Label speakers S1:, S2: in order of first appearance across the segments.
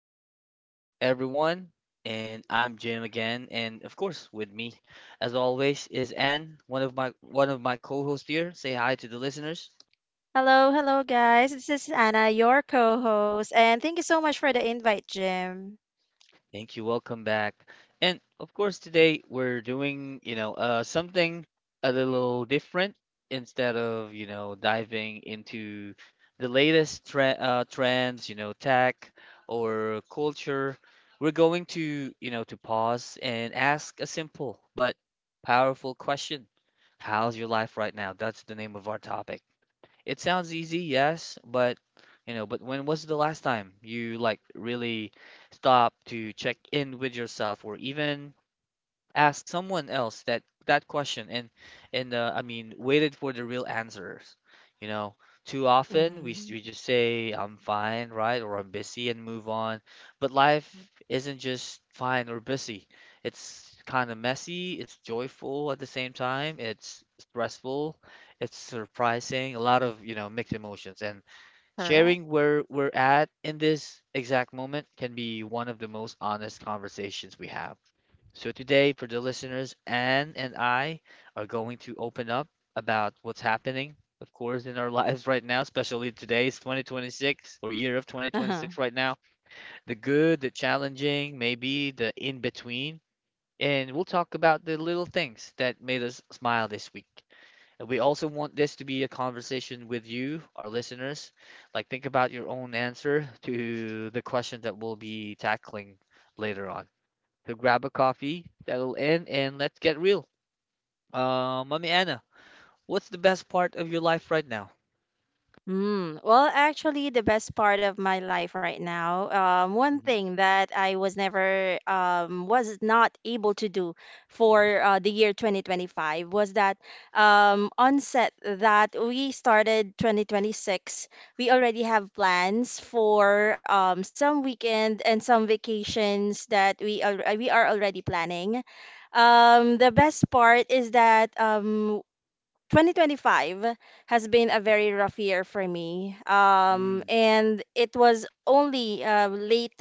S1: show, everyone. And I'm Jim again, and of course, with me, as always, is Anne, one of my co-hosts here. Say hi to the listeners.
S2: Hello, hello, guys. This is Anna, your co host. And thank you so much for the invite, Jim.
S1: Thank you. Welcome back. And of course, today we're doing, something a little different instead of, diving into the latest trends, you know, tech or culture. We're going to, to pause and ask a simple but powerful question. How's your life right now? That's the name of our topic. It sounds easy, yes, but but when was the last time you like really stopped to check in with yourself or even asked someone else that question and I mean waited for the real answers. You know, too often
S2: Mm-hmm.
S1: we just say I'm fine, right, or I'm busy and move on. But life isn't just fine or busy. It's kind of messy, it's joyful at the same time, it's stressful, it's surprising, a lot of, you know, mixed emotions. And
S2: Correct.
S1: sharing where we're at in this exact moment can be one of the most honest conversations we have. So today, for the listeners, Anne and I are going to open up about what's happening, of course, in our lives right now, especially today's 2026 or year of 2026 right now. The good, the challenging, maybe the in between, and we'll talk about the little things that made us smile this week. And we also want this to be a conversation with you, our listeners. Like, think about your own answer to the question that we'll be tackling later on. So grab a coffee, settle in, and let's get real. Mommy Anna, what's the best part of your life right now?
S2: Well, actually, the best part of my life right now, one
S1: Mhm.
S2: thing that I was never, was not able to do for the year 2025 was that, onset that we started 2026, we already have plans for some weekend and some vacations that we are already planning. The best part is that, 2025 has been a very rough year for me.
S1: Mm.
S2: And it was only late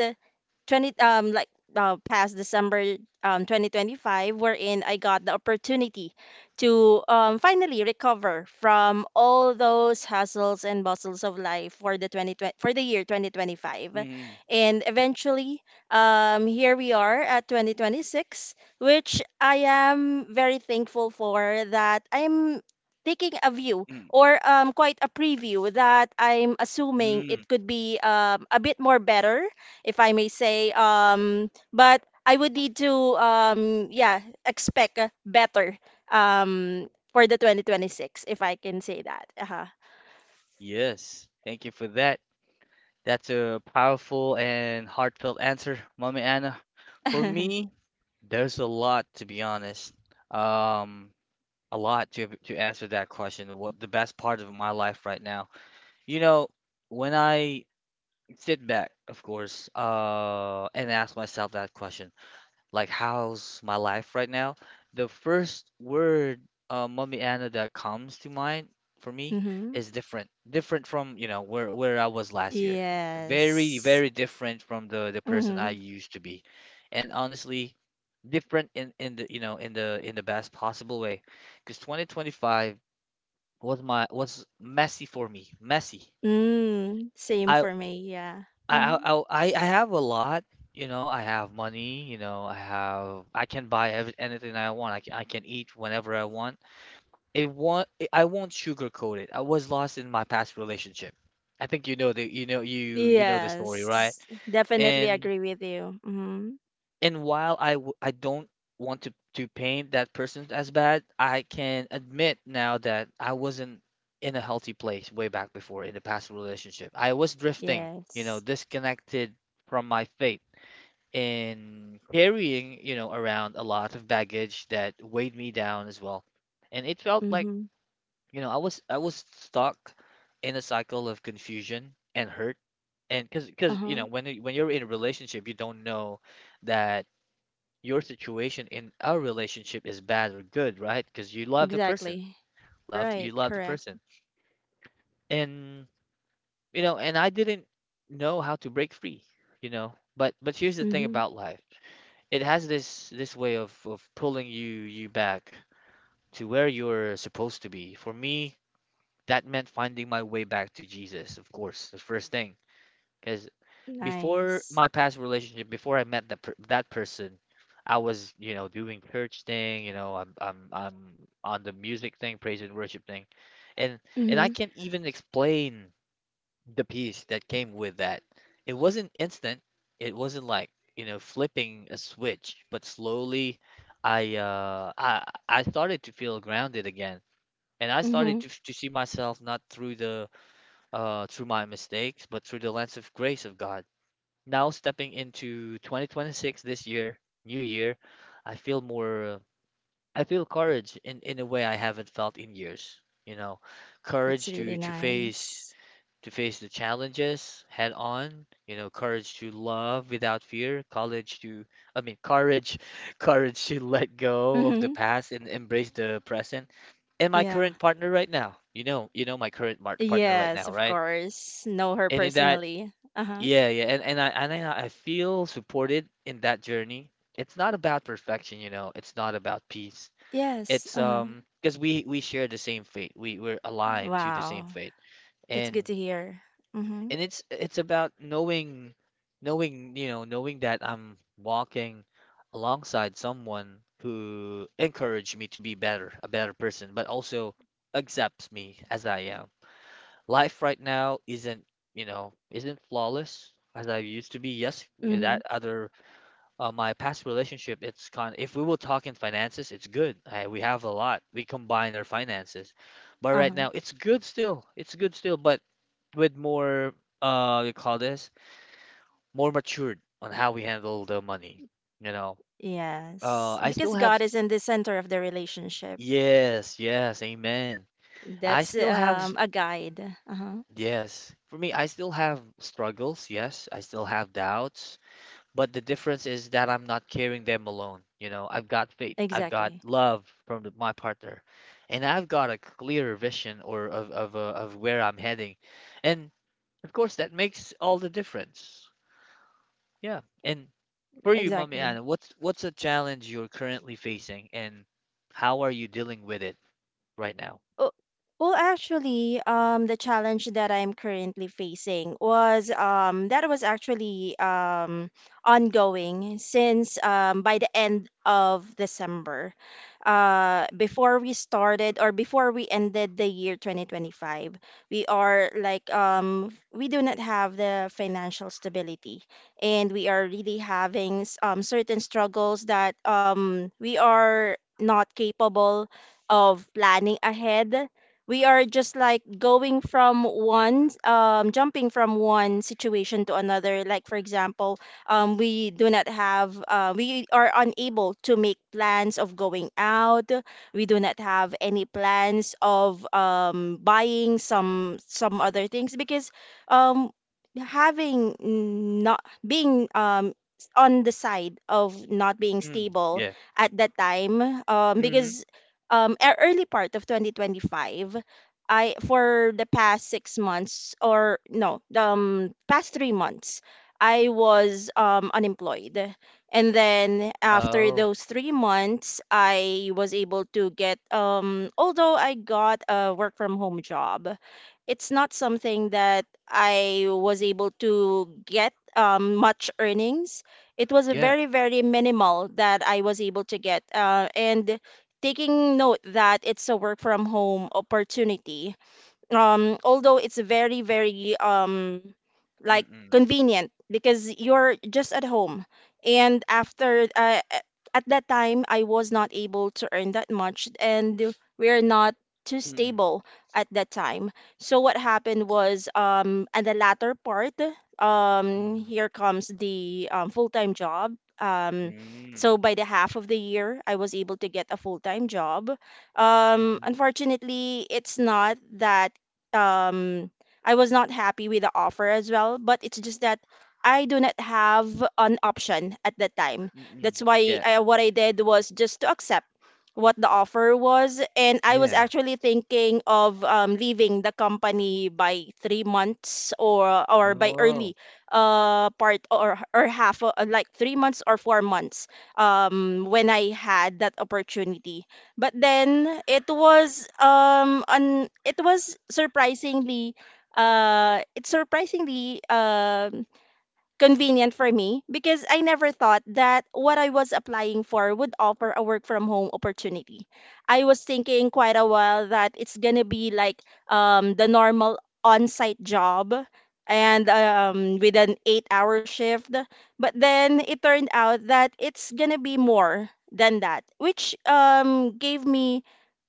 S2: 20 um like uh, past December, 2025, wherein I got the opportunity to finally recover from all those hassles and bustles of life for the 2020 for the year 2025.
S1: Mm.
S2: And eventually, here we are at 2026, which I am very thankful for, that I'm taking a view,
S1: Mm.
S2: or, quite a preview, that I'm assuming
S1: Mm.
S2: it could be, a bit more better, if I may say. But I would need to, yeah, expect, better, for the 2026, if I can say that. Uh-huh.
S1: Yes, thank you for that. That's a powerful and heartfelt answer, Mommy Anna. For me, there's a lot to be honest. Um, a lot to answer that question. What the best part of my life right now? You know, when I sit back, of course, and ask myself that question, like how's my life right now, the first word Mommy Anna that comes to mind for me
S2: Hmm.
S1: is different. Different from, you know, where I was last year. Very,
S2: Yes.
S1: very different from the person I
S2: Mm-hmm.
S1: used to be. And honestly, different in in the in the best possible way. Because 2025 was messy for me. Messy.
S2: Mm, same
S1: I
S2: for me, yeah.
S1: I
S2: Mm-hmm.
S1: I I I have a lot, you know. I have money, you know. I can buy ev anything I want. I can eat whenever I want. It won't I won't sugarcoat it. I was lost in my past relationship. I think you know the you know you you know the story, right?
S2: Yes, definitely
S1: And
S2: agree with you. Mm-hmm.
S1: and while I don't want to paint that person as bad, I can admit now that I wasn't in a healthy place way back before in the past relationship. I was drifting, you know,
S2: Yes.
S1: disconnected from my faith in carrying, you know, around a lot of baggage that weighed me down as well. And it felt like,
S2: Mm-hmm.
S1: you know, I was stuck in a cycle of confusion and hurt. And because you
S2: Uh-huh.
S1: know, when you're in a relationship, you don't know that your situation in our relationship is bad or good, right? Because you love the person,
S2: Exactly. Right,
S1: love the
S2: correct.
S1: person. And you know, and I didn't know how to break free, you know. But here's the
S2: Mhm.
S1: thing about life. It has this way of pulling you back to where you're supposed to be. For me, that meant finding my way back to Jesus, of course, the first thing. Because
S2: Nice.
S1: before my past relationship, before I met that person, I was, you know, doing church thing, you know, I'm on the music thing, praise and worship thing. And and
S2: Mhm.
S1: I can't even explain the peace that came with that. It wasn't instant. It wasn't like, you know, flipping a switch, but slowly I started to feel grounded again. And I
S2: Mhm.
S1: started to see myself not through the through my mistakes, but through the lens of grace of God. Now stepping into 2026 this year, new year, I feel more I feel courage in a way I haven't felt in years, you know,
S2: That's
S1: courage to
S2: really nice.
S1: to face the challenges head on, you know, courage to love without fear, courage to, I mean, courage, courage to let go of the
S2: Mhm.
S1: past and embrace the present. And my
S2: Yeah.
S1: current partner right now, you know my current partner right now,
S2: Yes, of
S1: right?
S2: course. Know her
S1: And in that,
S2: personally. Uh-huh.
S1: yeah, yeah, and I feel supported in that journey. It's not about perfection, you know, it's not about peace.
S2: Yes.
S1: It's
S2: Uh-huh.
S1: because we share the same fate. We're aligned to the same
S2: Wow.
S1: fate.
S2: That's
S1: And
S2: good to hear. Mhm.
S1: and it's about knowing knowing that I'm walking alongside someone who encouraged me to be better a better person but also accepts me as I am. Life right now isn't isn't flawless as I used to be,
S2: Mhm.
S1: yes, with that other, my past relationship. It's kind if we will talk in finances, it's good. We have a lot. We combine our finances, but right
S2: Uh-huh.
S1: now it's good still, it's good still, but with more you call this more matured on how we handle the money, you know.
S2: Yes.
S1: I
S2: Because
S1: still
S2: God
S1: have
S2: is
S1: s-
S2: in the center of the relationship.
S1: Yes, yes, amen. I
S2: That's
S1: still have s-
S2: a guide. Uh-huh.
S1: Yes, for me, I still have struggles, yes, I still have doubts, but the difference is that I'm not carrying them alone, you know. I've got faith, I've got
S2: Exactly.
S1: love from my partner, and I've got a clearer vision of where I'm heading. And of course, that makes all the difference, yeah. And for you,
S2: Exactly.
S1: Mommy Anna, what's a challenge you're currently facing and how are you dealing with it right now?
S2: Oh, well, actually, the challenge that I'm currently facing was, that was actually, ongoing since, by the end of December, before we started or before we ended the year 2025. We are, like, we do not have the financial stability, and we are really having certain struggles that, we are. Not capable of planning ahead. We are just like jumping from one situation to another. Like, for example, we do not have, we are unable to make plans of going out. We do not have any plans of, buying some other things, because, um, having, not being, on the side of not being
S1: Mm,
S2: stable
S1: yeah.
S2: at that time,
S1: Mm-hmm.
S2: because, early part of 2025, I, for the past 6 months, or no, the past 3 months, I was unemployed. And then, after
S1: Oh,
S2: those 3 months, I was able to get, although I got a work from home job, it's not something that I was able to get, much earnings. It was a
S1: yeah.
S2: very, very minimal that I was able to get. And taking note that it's a work from home opportunity, although it's very, very, like,
S1: Mm-mm.
S2: convenient because you're just at home. And after, at that time, I was not able to earn that much, and we're not too
S1: Mm-mm.
S2: stable at that time. So what happened was, at the latter part,
S1: Mm.
S2: here comes the, full-time job. um so
S1: Mm.
S2: by the half of the year, I was able to get a full-time job.
S1: Mhm.
S2: Unfortunately, it's not that, um I was not happy with the offer as well, but it's just that I do not have an option at that time.
S1: Mm-mm.
S2: That's why
S1: Yeah.
S2: I, what I did was just to accept what the offer was, and I was
S1: Yeah.
S2: actually thinking of, leaving the company by 3 months, or by early,
S1: Oh,
S2: part, or half, like 3 months or 4 months, when I had that opportunity. But then it was, on it's surprisingly, convenient for me, because I never thought that what I was applying for would offer a work from home opportunity. I was thinking quite a while that it's gonna be like, the normal on site job, and, with an 8-hour shift. But then it turned out that it's gonna be more than that, which, gave me,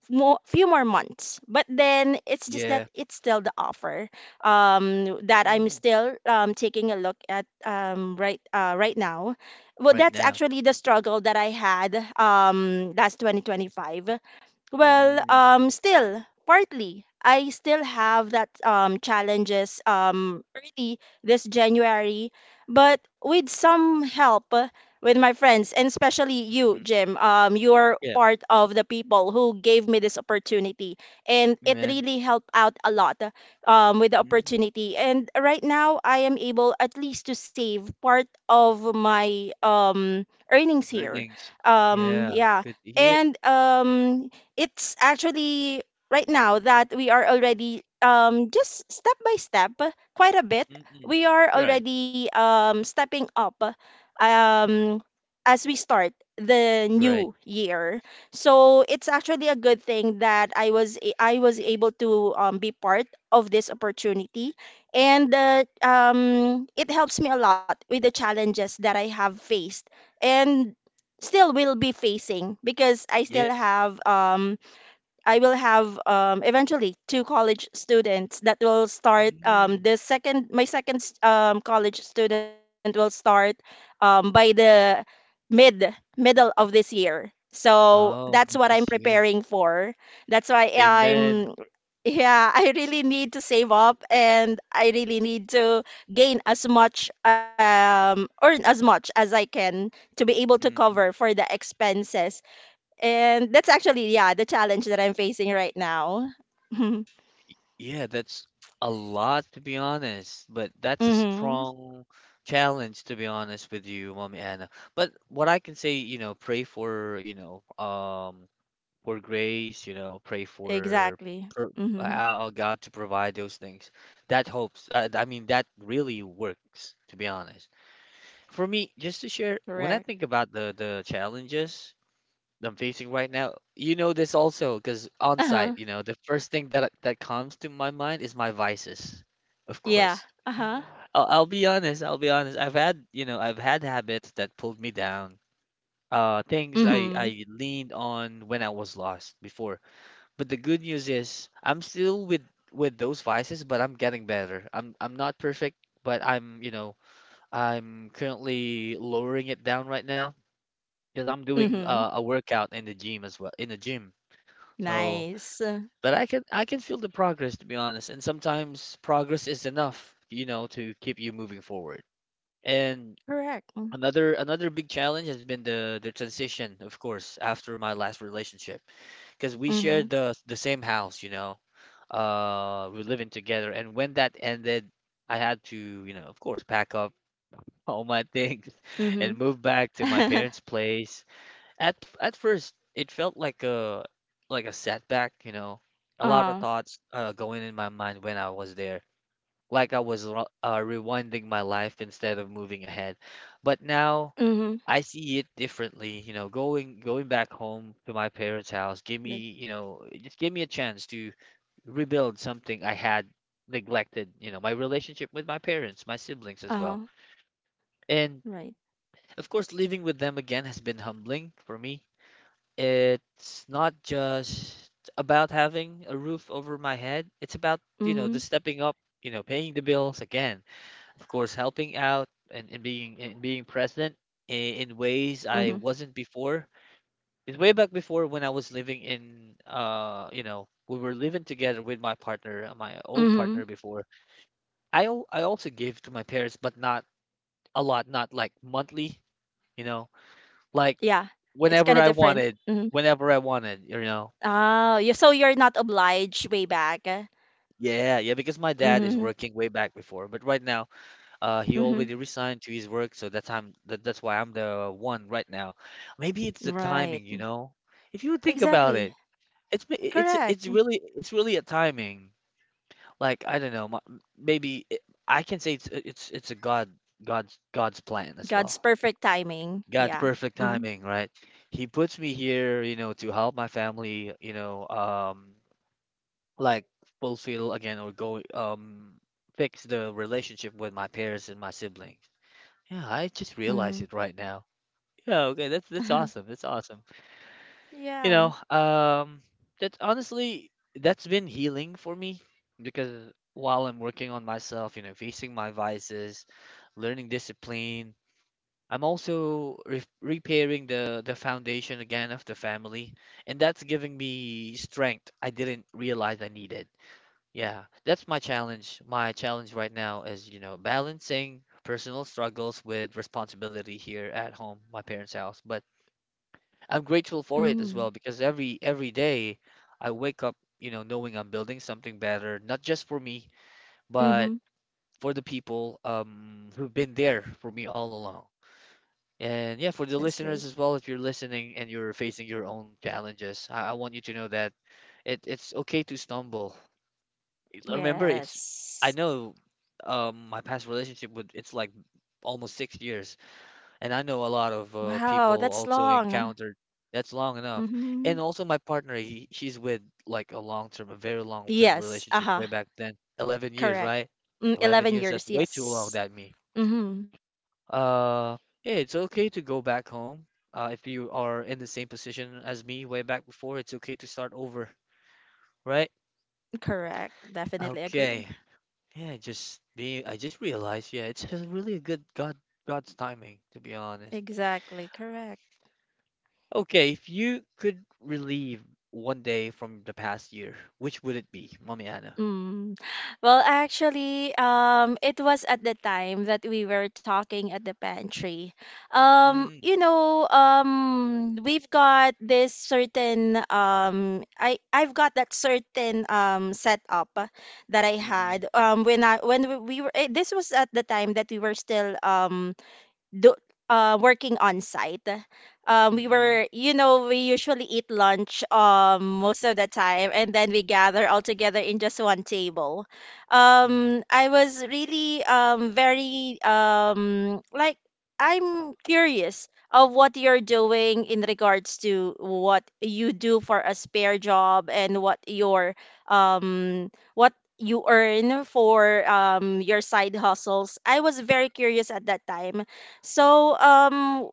S2: more few more months. But then it's just that
S1: yeah.
S2: it's still the offer, that I'm
S1: Mm.
S2: still, taking a look at, right now. Well,
S1: Right
S2: that's
S1: now.
S2: actually the struggle that I had, last 2025. Well,
S1: Mm.
S2: still partly. I still have that, challenges, early this January, but with some help, with my friends, and especially you,
S1: Mm-mm.
S2: Jim. You're
S1: Yeah,
S2: part of the people who gave me this opportunity, and it
S1: man.
S2: really helped out a lot, with the
S1: Mm.
S2: opportunity. And right now, I am able at least to save part of my, earnings here.
S1: Earnings. Yeah,
S2: Yeah.
S1: good to hear.
S2: And, it's actually right now that we are already, just step by step, quite a bit,
S1: Mm-mm.
S2: we are
S1: Right,
S2: already, stepping up, um as we start the
S1: right.
S2: new year. So it's actually a good thing that I was able to, be part of this opportunity, and, it helps me a lot with the challenges that I have faced, and still will be facing. Because I
S1: Yeah.
S2: still have, I will have, eventually, two college students that will start,
S1: Mm.
S2: the second, my second, college student will start, by the mid middle of this year. So
S1: Oh,
S2: that's what
S1: this
S2: I'm
S1: year.
S2: preparing for. That's why
S1: Amen.
S2: I'm, yeah, I really need to save up, and I really need to gain as much, earn as much as I can, to be able to
S1: Mm.
S2: cover for the expenses. And that's actually, yeah, the challenge that I'm facing right now.
S1: Yeah, that's a lot to be honest, but that's a strong
S2: Mm-hmm.
S1: challenge to be honest with you, Mommy Anna. But what I can say, you know, pray for, you know, for grace, you know, pray for
S2: Exactly. Mm-hmm.
S1: God to provide those things. That hopes, I mean, that really works, to be honest. For me, just to share, when
S2: Correct.
S1: I think about the challenges that I'm facing right now. You know this also, because on site, you know, the
S2: Uh-huh.
S1: first thing that that comes to my mind is my vices. Of course.
S2: Yeah. Uh-huh.
S1: I'll be honest, I'll be honest. I've had, you know, I've had habits that pulled me down. Things I
S2: Mm-hmm.
S1: I leaned on when I was lost before. But the good news is I'm still with those vices, but I'm getting better. I'm not perfect, but I'm, you know, I'm currently lowering it down right now because I'm doing
S2: Mm-hmm.
S1: a workout in the gym as well, in the gym. So,
S2: Nice.
S1: but I can feel the progress to be honest, and sometimes progress is enough, you know, to keep you moving forward. And
S2: Correct.
S1: another big challenge has been the transition, of course, after my last relationship, because we shared the
S2: Mm-hmm.
S1: the same house, you know, we living together, and when that ended, I had to, you know, of course, pack up all my things and move
S2: Mm-hmm.
S1: back to my parents' place. At at first, it felt like a setback, you know. A lot of
S2: Uh-huh.
S1: thoughts going in my mind when I was there, like I was rewinding my life instead of moving ahead. But now
S2: Mm-hmm.
S1: I see it differently, you know. Going back home to my parents' house gave me, you
S2: That,
S1: know, it just gave me a chance to rebuild something I had neglected, you know, my relationship with my parents, my siblings as well.
S2: uh-huh. Right.
S1: And of course, living with them again has been humbling for me. It's not just about having a roof over my head. It's about, you know, the
S2: Mm-hmm.
S1: stepping up, you know, paying the bills again, of course, helping out and being present in ways
S2: Mm-hmm.
S1: I wasn't before. It's way back before when I was living in, you know, we were living together with my partner, my old partner
S2: Mm-hmm.
S1: before. I also gave to my parents, but not a lot, not like monthly, you know,
S2: Yeah.
S1: like
S2: It's kind of different.
S1: whenever I
S2: Mm-hmm.
S1: wanted, whenever I wanted, you know.
S2: Oh, you so you're not obliged way back.
S1: Yeah, yeah, because my dad is
S2: Mm-hmm.
S1: working way back before, but right now, he already
S2: Mm-hmm.
S1: resigned to his work, so that's why I'm the one right now. Maybe it's the
S2: Right.
S1: timing, you know? If you think about it,
S2: Exactly.
S1: it's
S2: Correct.
S1: really it's really a timing. Like I don't know, my, maybe it, I can say it's a God's
S2: God's
S1: plan as
S2: perfect
S1: well.
S2: timing. Yeah.
S1: God's perfect
S2: Mhm.
S1: timing, right? He puts me here, you know, to help my family, you know, like fulfill again or go, fix the relationship with my parents and my siblings. Yeah, I
S2: Mhm.
S1: just realized it right now. Yeah, okay, that's that's awesome. That's awesome.
S2: Yeah.
S1: You know, that honestly that's been healing for me because while I'm working on myself, you know, facing my vices, learning discipline, I'm also re repairing the foundation again of the family, and that's giving me strength I didn't realize I needed. Yeah, that's my challenge. My challenge right now is, you know, balancing personal struggles with responsibility here at home, my parents' house. But I'm grateful for it as
S2: Mhm.
S1: well because every day I wake up, you know, knowing I'm building something better, not just for me, but
S2: Mhm.
S1: for the people who've been there for me all along. And
S2: That's
S1: yeah, for the
S2: great.
S1: listeners as well, if you're listening and you're facing your own challenges, I want you to know that it's okay to stumble remember it's. I
S2: Yes.
S1: know my past relationship with it's like almost 6 years, and I know a lot of
S2: Wow, that's
S1: people also
S2: long.
S1: encountered. That's long enough. And
S2: Mhm.
S1: also my partner, she's with like a long term, a very long term
S2: Yes.
S1: relationship
S2: Uh-huh.
S1: way back then, 11 years,
S2: Correct.
S1: right?
S2: Mm,
S1: 11
S2: 11
S1: years, that's
S2: years.
S1: way too long
S2: Yes.
S1: that me,
S2: Mhm.
S1: uh yeah, it's okay to go back home. If you are in the same position as me way back before, it's okay to start over, right?
S2: Correct. Definitely
S1: Okay.
S2: agree.
S1: Yeah, just being, I just realized, yeah, it's a really a good God's timing, to be honest.
S2: Exactly. Correct.
S1: Okay, if you could relieve one day from the past year, which would it be, Mommy Anna?
S2: Mm. Well, actually, it was at the time that we were talking at the pantry.
S1: Mm,
S2: You know, we've got this certain, I've got that certain, setup that I
S1: mm-mm,
S2: had, when I, when this was at the time that we were still, do working on site. We
S1: mm-mm,
S2: were, we usually eat lunch, most of the time, and then we gather all together in just one table.
S1: mm-hmm,
S2: I was really, very, like, I'm curious of what you're doing in regards to what you do for a spare job, and what your, what you earn for, your side hustles. I was very curious at that time. So,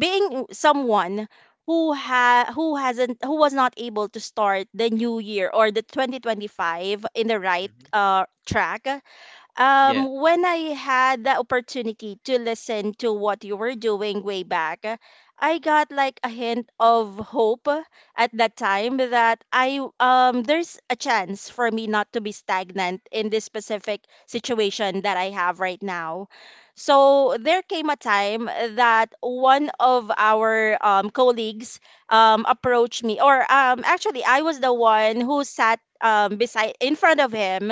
S2: being someone who ha who hasn't who was not able to start the new year, or the 2025, in the right,
S1: mm-hmm.
S2: track,
S1: Yeah.
S2: when I had the opportunity to listen to what you were doing way back, I got like a hint of hope at that time, that I, there's a chance for me not to be stagnant in this specific situation that I have right now. So there came a time that one of our, colleagues, approached me, or, actually, I was the one who sat, beside, in front of him,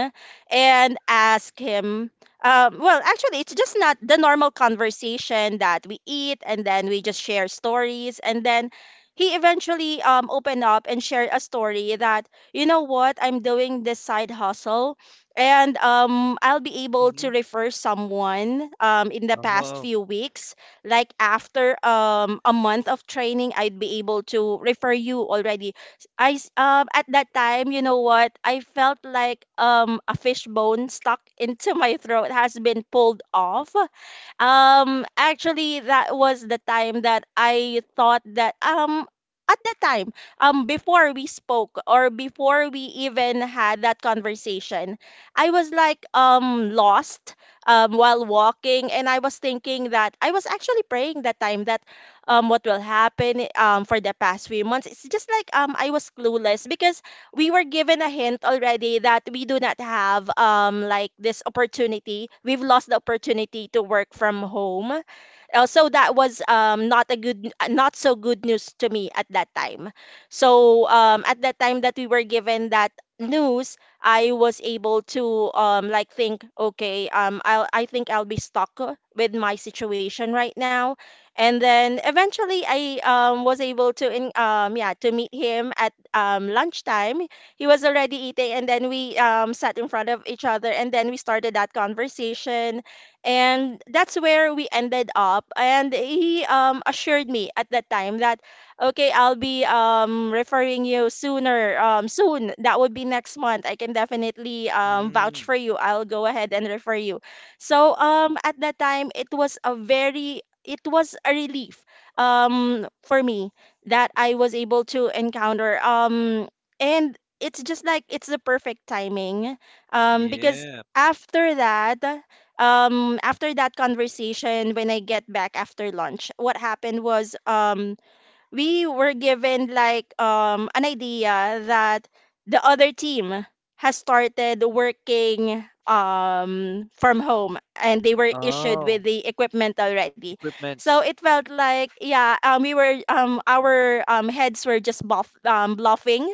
S2: and ask him. Well, actually, it's just not the normal conversation that we eat and then we just share stories. And then he eventually, opened up and shared a story that, you know what, I'm doing this side hustle, and, I'll be able
S1: Mm-hmm.
S2: to refer someone, in the past
S1: Oh,
S2: few weeks. Like after, a month of training, I'd be able to refer you already. I s-, at that time, you know what? I felt like, a fishbone stuck into my throat has been pulled off. Actually, that was the time that I thought that, at that time, before we spoke, or before we even had that conversation, I was like, lost, while walking, and I was thinking that I was actually praying that time, that, what will happen, for the past few months. It's just like, I was clueless, because we were given a hint already that we do not have, like, this opportunity. We've lost the opportunity to work from home. So that was, not a good, not so good news to me at that time. So, at that time that we were given that news, I was able to, like, think, okay, I think I'll be stuck, with my situation right now. And then eventually I was able to in yeah to meet him at lunchtime. He was already eating, and then we sat in front of each other, and then we started that conversation, and that's where we ended up. And he assured me at that time that, okay, I'll be referring you soon. That would be next month. I can definitely vouch
S1: mm,
S2: for you. I'll go ahead and refer you. So at that time, it was a relief for me, that I was able to encounter and it's just like it's the perfect timing because
S1: yeah.
S2: after that after that conversation, when I get back after lunch, what happened was we were given like an idea that the other team has started working from home, and they were issued with
S1: Oh,
S2: the equipment already. So
S1: equipment.
S2: it felt like, yeah, we were our heads were just bluffing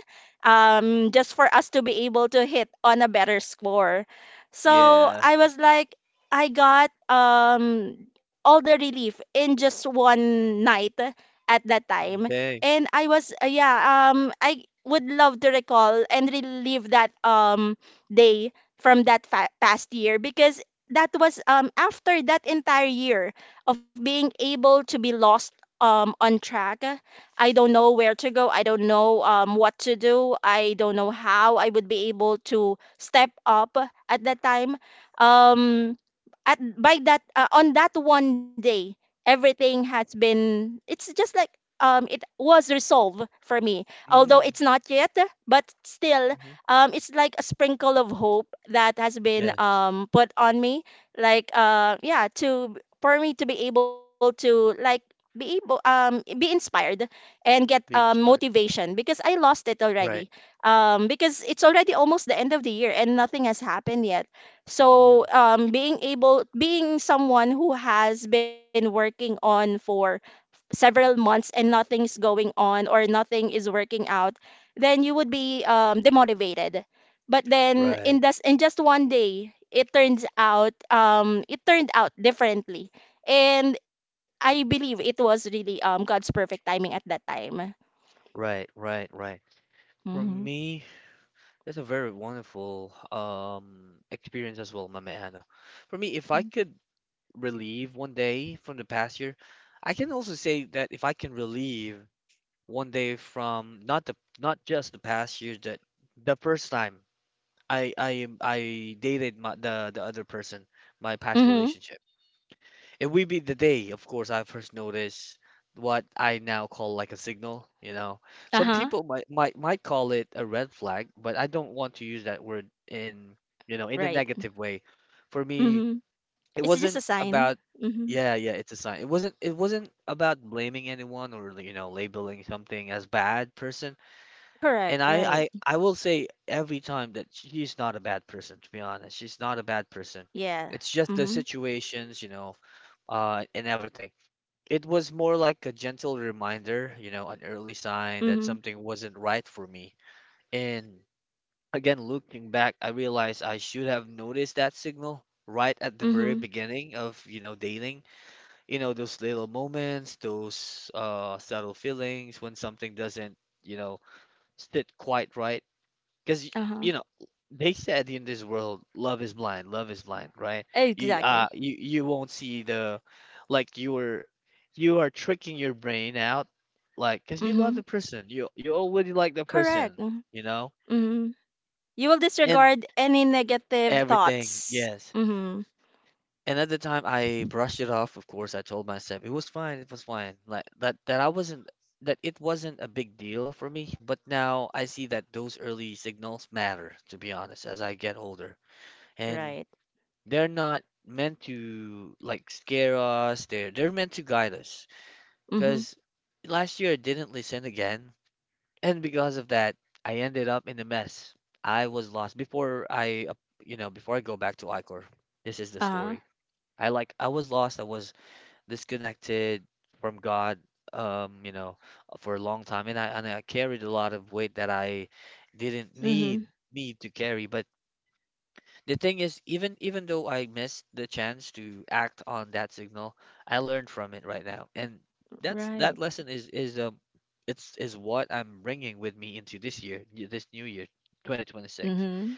S2: just for us to be able to hit on a better score. So
S1: Yeah.
S2: I was like, I got all the relief in just one night at that time.
S1: Okay.
S2: And I was yeah I would love to recall and relive that day from that past year, because that was after that entire year of being able to be lost on track. I don't know where to go, I don't know what to do, I don't know how I would be able to step up at that time um at by that on that one day, everything has been it's just like it was resolved for me, although
S1: Mm,
S2: it's not yet. But still
S1: mm-hmm.
S2: it's like a sprinkle of hope that has been
S1: Yes.
S2: put on me, like yeah to for me to be able to, like, be inspired and get
S1: Being smart.
S2: motivation, because I lost it already
S1: Right.
S2: because it's already almost the end of the year and nothing has happened yet. So,
S1: Mm,
S2: being someone who has been working on for several months, and nothing's going on or nothing is working out, then you would be, demotivated. But then
S1: right,
S2: in just one day, it turned out differently, and I believe it was really God's perfect timing at that time.
S1: right, right, right.
S2: Mm-hmm.
S1: For me, that's a very wonderful experience as well, Mama Anna. For me, if I could relieve one day from the past year, I can also say that if I can relieve one day from not the not just the past year that the first time I dated my, the other person, my past
S2: Mm-hmm.
S1: relationship. It will be the day, of course, I first noticed what I now call like a signal, you know. Some
S2: Uh-huh.
S1: people might call it a red flag, but I don't want to use that word in, you know, in a
S2: Right.
S1: negative way. For me,
S2: Mm-hmm.
S1: it
S2: It's just a
S1: wasn't
S2: sign.
S1: about
S2: Mm-hmm.
S1: yeah, yeah, it's a sign. It wasn't about blaming anyone or, you know, labeling something as bad person. And
S2: Correct.
S1: I
S2: Right.
S1: I I will say every time that she's not a bad person, to be honest. She's not a bad person.
S2: Yeah.
S1: It's just the
S2: Mhm.
S1: situations, you know, and everything. It was more like a gentle reminder, you know, an early sign that
S2: Mhm.
S1: something wasn't right for me. And again, looking back, I realized I should have noticed that signal right at the very
S2: Mhm.
S1: beginning of, you know, dating. You know, those little moments, those subtle feelings when something doesn't, you know, sit quite right because
S2: Uh-huh.
S1: you know they said in this world love is blind, love is blind, right? you
S2: Exactly.
S1: uh you you won't see the like you're you are tricking your brain out like because you love
S2: Mhm.
S1: the person you already like the
S2: Correct.
S1: person,
S2: Mhm.
S1: you know,
S2: Mhm. You will
S1: and
S2: disregard any negative
S1: everything.
S2: thoughts.
S1: Yes.
S2: Mhm.
S1: And at the time I brushed it off, of course. I told myself it was fine, it was fine, like that I wasn't, that it wasn't a big deal for me, but now I see that those early signals matter, to be honest, as I get older. And
S2: Right.
S1: they're not meant to like scare us. They're meant to guide us.
S2: Mhm.
S1: Because last year I didn't listen again, and because of that, I ended up in a mess. I was lost before I, you know, before I go back to Icor. This is the
S2: Uh-huh.
S1: story. I was lost. I was disconnected from God. You know, for a long time, and I carried a lot of weight that I didn't
S2: Mhm.
S1: need to carry, but the thing is, even though I missed the chance to act on that signal, I learned from it right now, and that's that
S2: Right.
S1: lesson is, it's is what I'm bringing with me into this year, this new year, 2026.
S2: Mhm.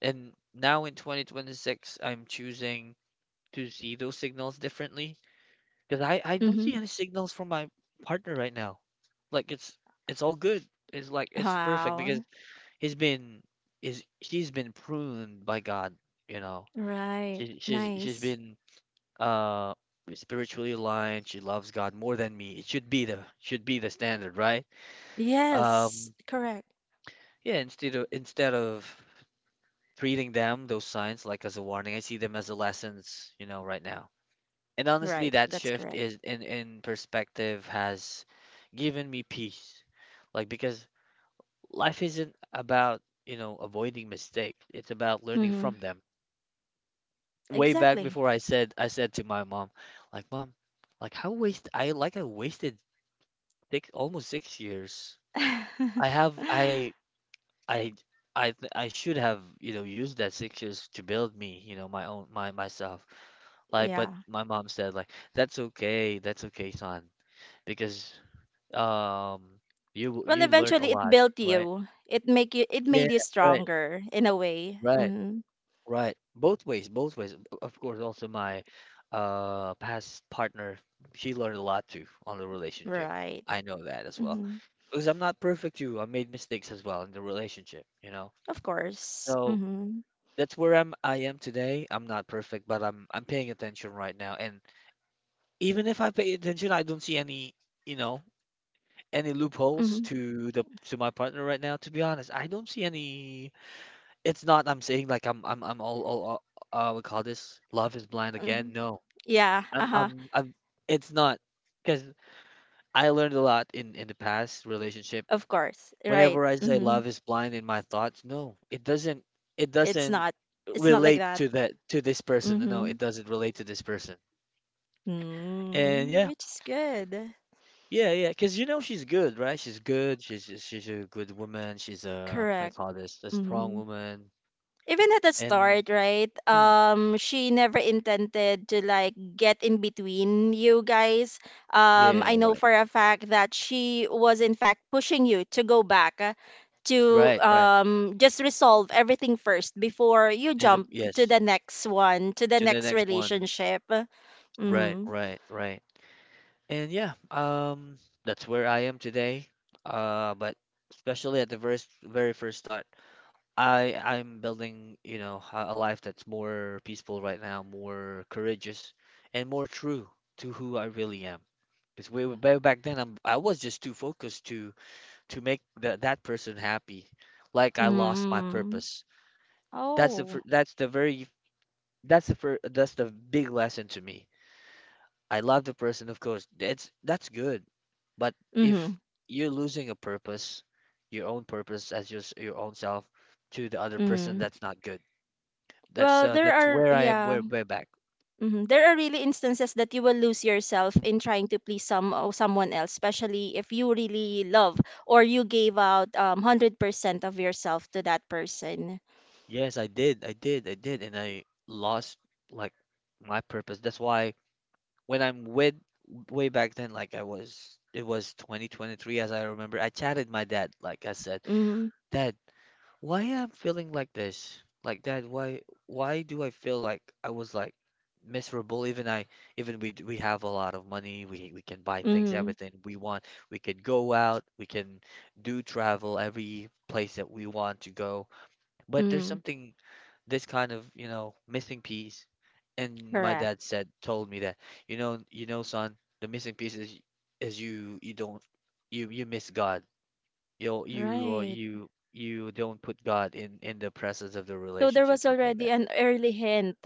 S1: And now in 2026, I'm choosing to see those signals differently because I don't
S2: Mhm.
S1: see any signals from my partner right now. Like it's all good. It's like it's perfect because
S2: Wow.
S1: he's been is she's been pruned by God, you know.
S2: Right.
S1: She's she's
S2: Nice.
S1: been uh spiritually aligned. She loves God more than me. It should be the standard, right?
S2: Yes.
S1: Um,
S2: Correct.
S1: yeah, instead of treating them those signs like as a warning, I see them as a lessons, you know, right now. And honestly,
S2: Right.
S1: that
S2: That's
S1: shift
S2: correct.
S1: is in perspective has given me peace. Like because life isn't about, you know, avoiding mistake. It's about learning
S2: Mhm.
S1: from them. Way back
S2: Exactly.
S1: before, I said to my mom, like, Mom, like how waste I like I wasted six, almost 6 years. I have I I th- I should have, you know, used that 6 years to build me, you know, my own my myself. Like, but
S2: Yeah.
S1: my mom said like, that's okay, son, because um you
S2: Well,
S1: you learned a
S2: eventually it
S1: lot,
S2: built
S1: right?
S2: you. It
S1: Yeah,
S2: made you
S1: right,
S2: stronger in a way.
S1: right.
S2: Hmm.
S1: Right. Both ways, both ways. Of course, also my past partner, she learned a lot too on the relationship.
S2: Right.
S1: I know that as well.
S2: Hmm.
S1: Because I'm not perfect too. I made mistakes as well in the relationship, you know.
S2: Of course.
S1: So
S2: Hmm.
S1: that's where I am today. I'm not perfect, but I'm paying attention right now. And even if I pay attention, I don't see any, you know, any
S2: Hmm.
S1: loopholes to the to my partner right now. To be honest, I don't see any. It's not I'm saying like I'm all, we call this love is blind
S2: Hmm.
S1: again. No,
S2: Yeah. Uh-huh.
S1: I'm. It's not because I learned a lot in the past relationship.
S2: Of course. Right.
S1: Whenever I say
S2: Hmm.
S1: love is blind in my thoughts, no, it doesn't. It
S2: It's
S1: doesn't
S2: not. It's not like
S1: relate
S2: that.
S1: to that to this person. No, it
S2: Hmm.
S1: doesn't relate to this person. And
S2: Mm.
S1: yeah,
S2: Which is good.
S1: yeah, yeah. Because you know she's good, right? She's good. She's she's a good woman. She's a, I
S2: Correct.
S1: call this a strong
S2: Mm-hmm.
S1: woman.
S2: Even at the
S1: And
S2: start, right?
S1: mm,
S2: She never intended to, like, get in between you guys. Um,
S1: yeah,
S2: I know
S1: right,
S2: for a fact that she was in fact pushing you to go back, to
S1: right, right.
S2: just resolve everything first before you
S1: And then-
S2: jump to
S1: yes,
S2: the next one, to the
S1: to the
S2: next
S1: next one.
S2: relationship.
S1: Right,
S2: Mm-hmm.
S1: right, right. And yeah, that's where I am today. But especially at the very, very first start, I'm building, you know, a life that's more peaceful right now, more courageous, and more true to who I really am. Because way back then, I was just too focused to make that person happy, like I lost my
S2: Mm-hmm.
S1: purpose. That's the
S2: Oh.
S1: fir- that's the very that's the big lesson to me. I love the person, of course. That's good. But
S2: Mm-hmm.
S1: if you're losing a purpose, your own purpose as your own self to the other person,
S2: Mm-hmm.
S1: that's not good.
S2: Well, there
S1: That's
S2: are,
S1: where I am
S2: yeah.
S1: way way back.
S2: Mhm. There are really instances that you will lose yourself in trying to please someone else, especially if you really love, or you gave out 100% of yourself to that person.
S1: Yes, I did, I did, I did, and I lost like my purpose. That's why when I'm with way back then, like I was, it was 2023 as I remember. I chatted my dad, like I said,
S2: Mm-hmm.
S1: Dad, why I'm feeling like this, like that, why do I feel like I was like miserable even I we have a lot of money, we can buy things,
S2: Mm-hmm.
S1: everything we want, we could go out, we can do travel every place that we want to go. But there's
S2: Mm-hmm.
S1: something this kind of, you know, missing piece. And my
S2: Correct.
S1: dad said told me that, you know, son, the missing piece is you you don't you you miss God, you
S2: Right.
S1: you you don't put God in the presence of the
S2: So there
S1: relationship,
S2: was
S1: something like
S2: already
S1: that.
S2: an early hint.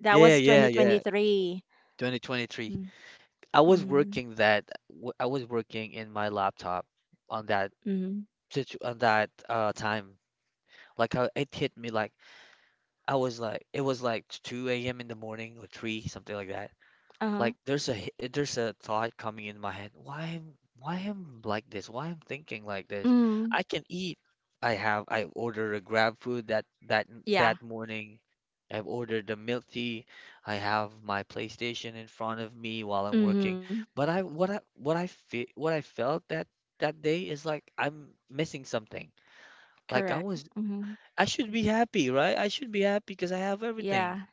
S2: That
S1: Yeah,
S2: was
S1: yeah, yeah.
S2: 2023.
S1: 2023.
S2: Mm-hmm.
S1: I was
S2: Mm-hmm.
S1: working that I was working in my laptop on that
S2: Mm-hmm.
S1: situ on that time. It hit me like I was like it was like 2 a.m. in the morning or 3, something like that. Like
S2: Uh-huh.
S1: there's a h- eh, there's a thought coming in my head. Why am like this? Why am thinking like this?
S2: Mm-hmm.
S1: I can eat. I ordered a Grab food that that
S2: Yeah.
S1: that morning. I've ordered a milk tea. I have my PlayStation in front of me while I'm working.
S2: Mm-hmm.
S1: But I what I what I fe what I felt that day is like I'm missing something. Like I
S2: Correct.
S1: was
S2: Mm-hmm.
S1: I should be happy, right? I should be happy because I have everything.
S2: Yeah.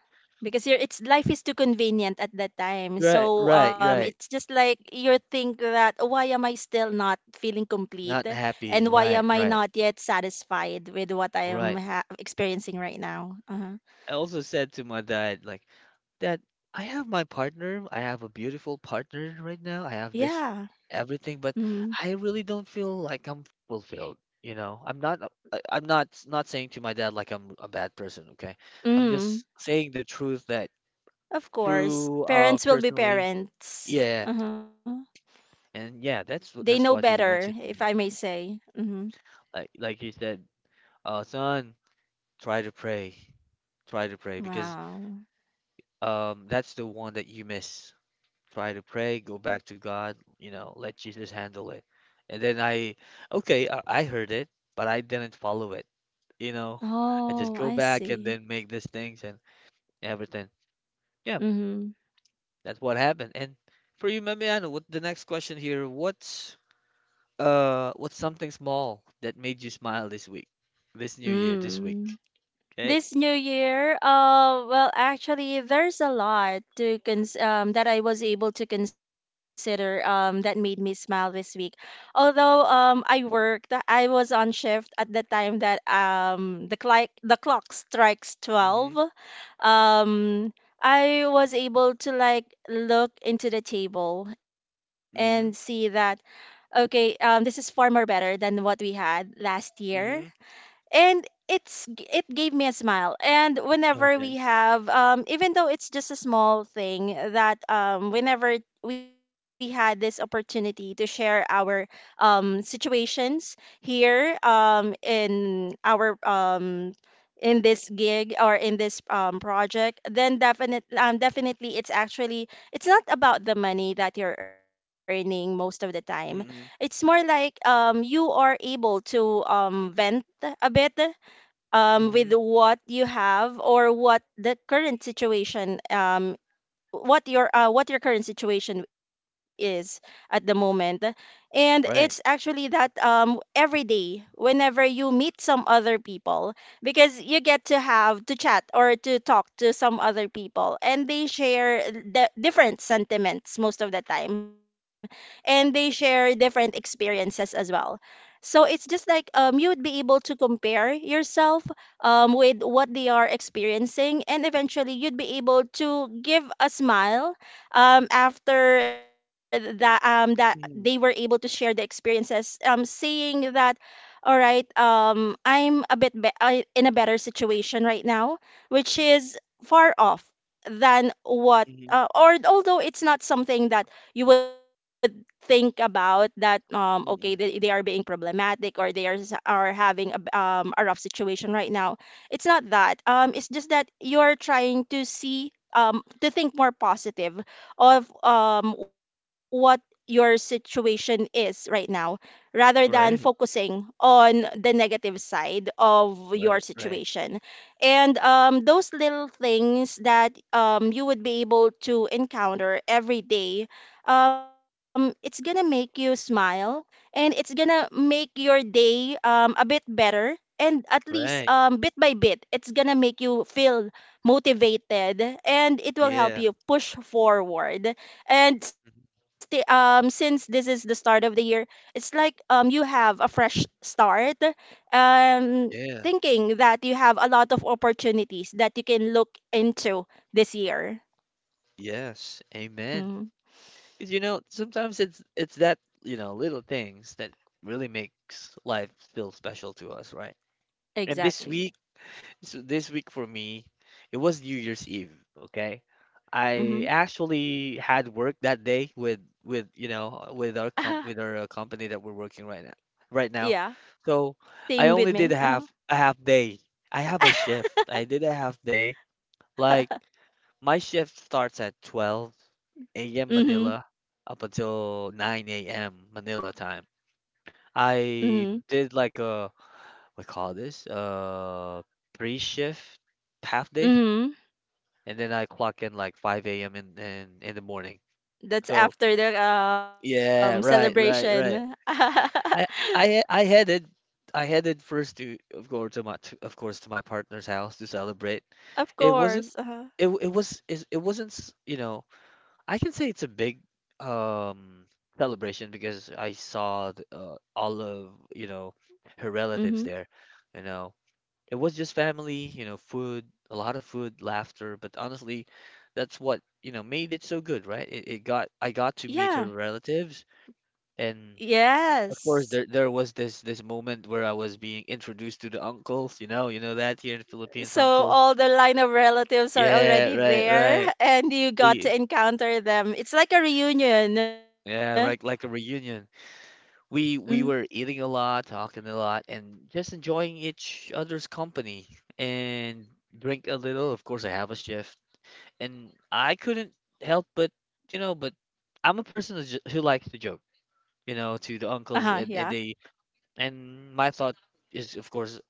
S2: Because it's life is too convenient at that time.
S1: Right,
S2: So
S1: right,
S2: um, it's
S1: right.
S2: just like you think that, why am I still not feeling complete,
S1: Not
S2: and
S1: happy.
S2: why am
S1: Right,
S2: I
S1: right.
S2: not yet satisfied with what I am
S1: Right.
S2: experiencing right now? Uh-huh.
S1: I also said to my dad, like, Dad, I have my partner. I have a beautiful partner right now. I have this
S2: Yeah.
S1: everything, but
S2: Mm.
S1: I really don't feel like I'm fulfilled. You know, I'm not. I'm not not saying to my dad like I'm a bad person. Okay, I'm
S2: Mm.
S1: just saying the truth that
S2: Of course,
S1: through
S2: parents will be
S1: personally,
S2: parents.
S1: yeah,
S2: Uh-huh.
S1: and yeah,
S2: They
S1: that's
S2: know
S1: what that's what he
S2: better, if
S1: mentioned
S2: I
S1: to
S2: may
S1: me.
S2: say. Mm-hmm.
S1: Like he said, son, try to pray, try to pray because
S2: Wow.
S1: that's the one that you miss, try to pray, go back to God, you know, let Jesus handle it. And then I heard it, but I didn't follow it. You know, I just
S2: Oh,
S1: go
S2: I
S1: back and
S2: see.
S1: then make these things and everything. Yeah,
S2: Mm-hmm.
S1: that's what happened. And for you, Mamiano, what the next question here? What's something small that made you smile this week, this new year, this week?
S2: Mm.
S1: Okay.
S2: This new year, well, actually, there's a lot to cons that I was able to consider, that made me smile this week. I was on shift at the time that, the clock strikes 12.
S1: Mhm.
S2: Um, I was able to, like, look into the table and see that,
S1: Mhm.
S2: okay, this is far more better than what we had last year,
S1: Mhm.
S2: and it gave me a smile. And whenever
S1: Okay.
S2: we have even though it's just a small thing, that whenever we had this opportunity to share our situations here in this gig, or in this project, then definitely, it's not about the money that you're earning most of the time. It's
S1: Mhm.
S2: more like you are able to vent a bit with
S1: Mhm.
S2: what you have, or what the current situation what your current situation is at the moment. And it's
S1: Right.
S2: actually that every day, whenever you meet some other people, because you get to have to chat or to talk to some other people, and they share the different sentiments most of the time, and they share different experiences as well. So it's just like you would be able to compare yourself, with what they are experiencing, and eventually you'd be able to give a smile, after that that they were able to
S1: Mhm.
S2: share the experiences, saying that, all right, I'm a bit be- I, in a better situation right now, which is far off than what,
S1: Mhm.
S2: or although it's not something that you would think about, that okay, they are
S1: Mhm.
S2: being problematic, or are having a rough situation right now. It's not that it's just that you're trying to see to think more positive of what your situation is right now, rather than
S1: Right.
S2: focusing on the negative side of your
S1: Right. Right.
S2: situation. And those little things that, you would be able to encounter every day it's gonna make you smile, and it's gonna make your day a bit better, and at least
S1: Right.
S2: bit by bit, it's gonna make you feel motivated, and it will help
S1: Yeah.
S2: you push forward and stay
S1: Mhm.
S2: since this is the start of the year, it's like you have a fresh start um
S1: Yeah.
S2: thinking that you have a lot of opportunities that you can look into this year.
S1: Yes. Amen.
S2: Mm.
S1: Because you know, sometimes it's that, you know, little things that really makes life feel special to us, right? And this
S2: Exactly.
S1: week, so this week for me, it was New Year's Eve, okay? I
S2: Mm-hmm.
S1: actually had work that day with, you know, with our comp with our uh, company that we're working right now. Right now.
S2: Yeah,
S1: So,
S2: same
S1: I
S2: with
S1: only
S2: me.
S1: did a
S2: Uh-huh.
S1: half a half day. I have a shift. I did a half day like. My shift starts at 12 a.m.
S2: Mhm,
S1: Manila up until 9 a.m. Manila time.
S2: mhm,
S1: I did like a what call this? Pre-shift half day,
S2: mhm.
S1: and then I clock in like 5 a.m. in, in the morning.
S2: That's
S1: So,
S2: after the
S1: yeah, right,
S2: celebration.
S1: right, right. I I I headed I headed first to, of course, of course, to my partner's house to celebrate.
S2: Of
S1: It wasn't
S2: course. Uh-huh.
S1: it, w- it was it, it wasn't you know, I can say it's a big um celebration because I saw all of, you know, her relatives there.
S2: Mhm.
S1: You know, it was just family, you know, food, a lot of food, laughter, but honestly, that's what, you know, made it so good, right? It got I got to meet her
S2: Yeah.
S1: relatives and of course
S2: Yes.
S1: there was this moment where I was being introduced to the uncles, you know that here in the Philippines,
S2: So
S1: uncles.
S2: all the line of relatives are
S1: Yeah,
S2: already
S1: right,
S2: there,
S1: right.
S2: and you got
S1: We
S2: to encounter them. It's like a reunion.
S1: yeah, right, like a reunion.
S2: Mhm.
S1: We were eating a lot, talking a lot, and just enjoying each other's company and drink a little. Of course, I have a shift, and I couldn't help but, you know, but I'm a person who likes to joke, you know, to
S2: Uh-huh,
S1: the
S2: yeah.
S1: uncles, and they, and my thought is, of course,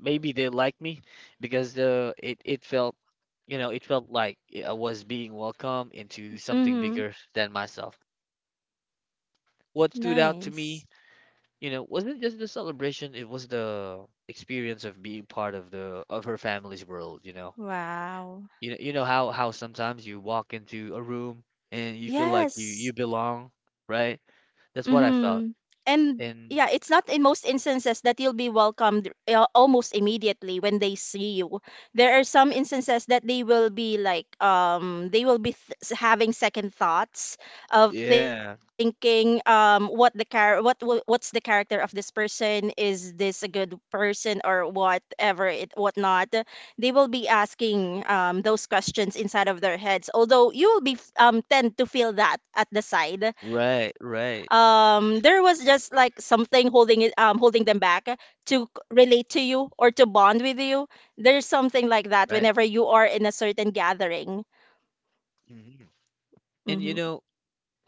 S1: maybe they like me because the it it felt. You know, it felt like I was being welcomed into something
S2: Mhm.
S1: bigger than myself. What stood
S2: Nice.
S1: out to me, you know, wasn't just the celebration, it was the experience of being part of the of her family's world, you know.
S2: Wow.
S1: You know, you know how sometimes you walk into a room and you feel like you
S2: Yes.
S1: belong, right?
S2: Mm-hmm.
S1: That's what I felt.
S2: And yeah, it's not
S1: And
S2: in most instances that you'll be welcomed, almost immediately when they see you. There are some instances that they will be like, they will be having second thoughts of
S1: yeah,
S2: thinking, what the what's the character of this person? Is this a good person, or whatever it whatnot? They will be asking those questions inside of their heads. Although you will be tend to feel that at the side
S1: right, right,
S2: there was just like something holding them back relate to you or to bond with you. There's something like that
S1: right.
S2: whenever you are in a certain gathering.
S1: Hmm. And you
S2: Mm-hmm.
S1: know,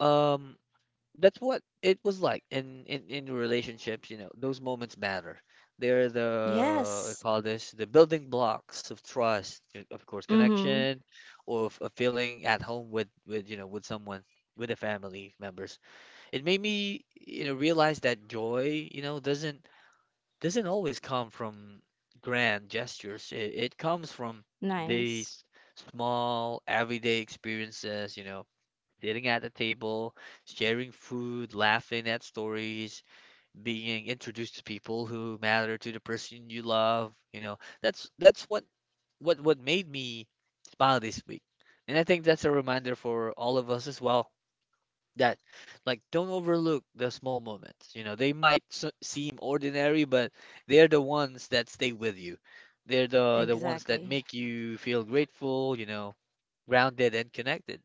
S1: um that's what it was like in relationships, you know, those moments matter, they're the, I
S2: Yes.
S1: call this the building blocks of trust, of course
S2: Mm-hmm.
S1: connection, or of feeling at home with, you know, with someone, with the family members. It made me, you know, realize that joy, you know, doesn't always come from grand gestures, it comes from
S2: Nice.
S1: these small everyday experiences, you know, sitting at the table, sharing food, laughing at stories, being introduced to people who matter to the person you love. You know, that's what what made me smile this week, and I think that's a reminder for all of us as well that, like, don't overlook the small moments. You know, they might s seem ordinary, but they're the ones that stay with you. They're the ones that
S2: Exactly.
S1: make you feel grateful, you know, grounded and connected.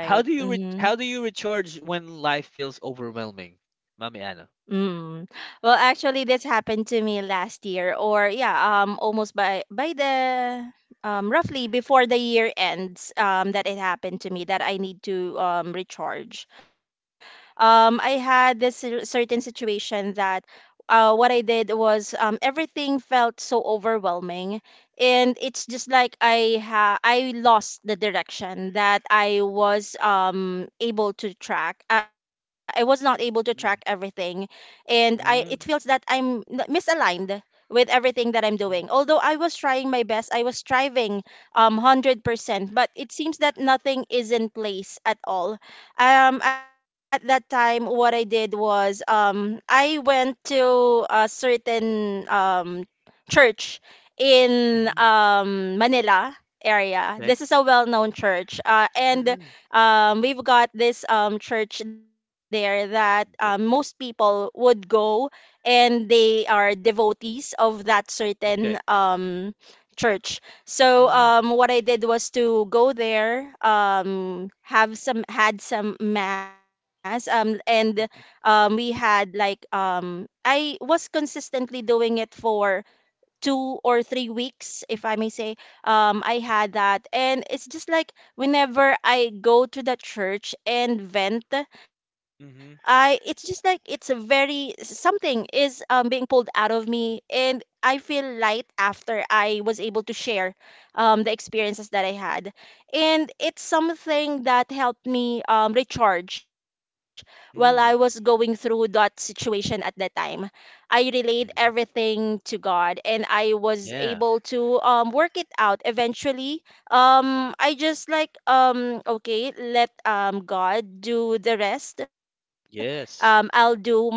S2: Mm-hmm.
S1: How do you recharge when life feels overwhelming, Mommy Anna?
S2: Mm. Well, actually, this happened to me last year, or yeah, almost by the, roughly before the year ends, that it happened to me that I need to recharge. I had this certain situation that, what I did was everything felt so overwhelming, and it's just like I lost the direction that I was able to track. I was not able to track everything,
S1: Mm,
S2: and I it feels that
S1: mm,
S2: I'm misaligned with everything that I'm doing.
S1: mm,
S2: Although I was trying my best, I was striving 100%, but it seems that nothing is in place at all. At that time, what I did was I went to a certain church in
S1: mhm,
S2: Manila area.
S1: okay.
S2: This is a well-known church.
S1: Mm,
S2: And
S1: mm,
S2: we've got this church there, that, most people would go, and they are devotees of that certain
S1: okay.
S2: um, church. So
S1: Mm,
S2: um, what I did was to go there, have some had some mass, and
S1: mm,
S2: we had like I was consistently doing it for 2 or 3 weeks, if I may say, I had that. And it's just like whenever I go to the church and vent, I it's
S1: mhm,
S2: just like it's a very something is being pulled out of me, and I feel light after I was able to share, the experiences that I had. And it's something that helped me recharge while I was going
S1: mm,
S2: through that situation at that time. I relayed
S1: amen.
S2: everything to God and I was
S1: Yeah.
S2: able to work it out eventually. I just like okay, let God do the rest. I'll do
S1: Yes.
S2: my best,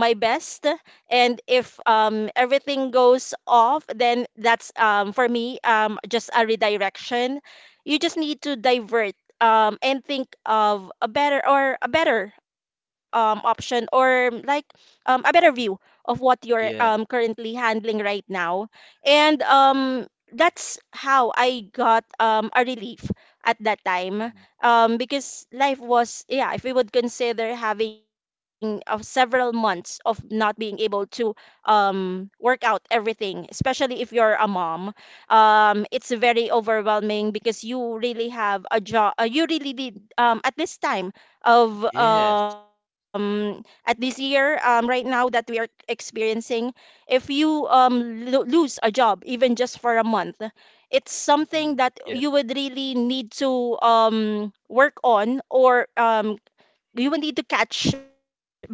S2: and if everything goes off, then that's for me just a redirection. You just need to divert and think of a better or a better option, or like a better view of what you're
S1: Yeah.
S2: currently handling right now. And that's how I got a relief at that time,
S1: Mm,
S2: because life was, yeah, if we would consider having several months of not being able to work out everything, especially if you're a mom, it's very overwhelming because you really have a job, you really did at this time of
S1: yes.
S2: at this year right now that we are experiencing. If you lose a job even just for a month, it's something
S1: Mm,
S2: that
S1: yeah.
S2: you would really need to work on, or you will need to catch back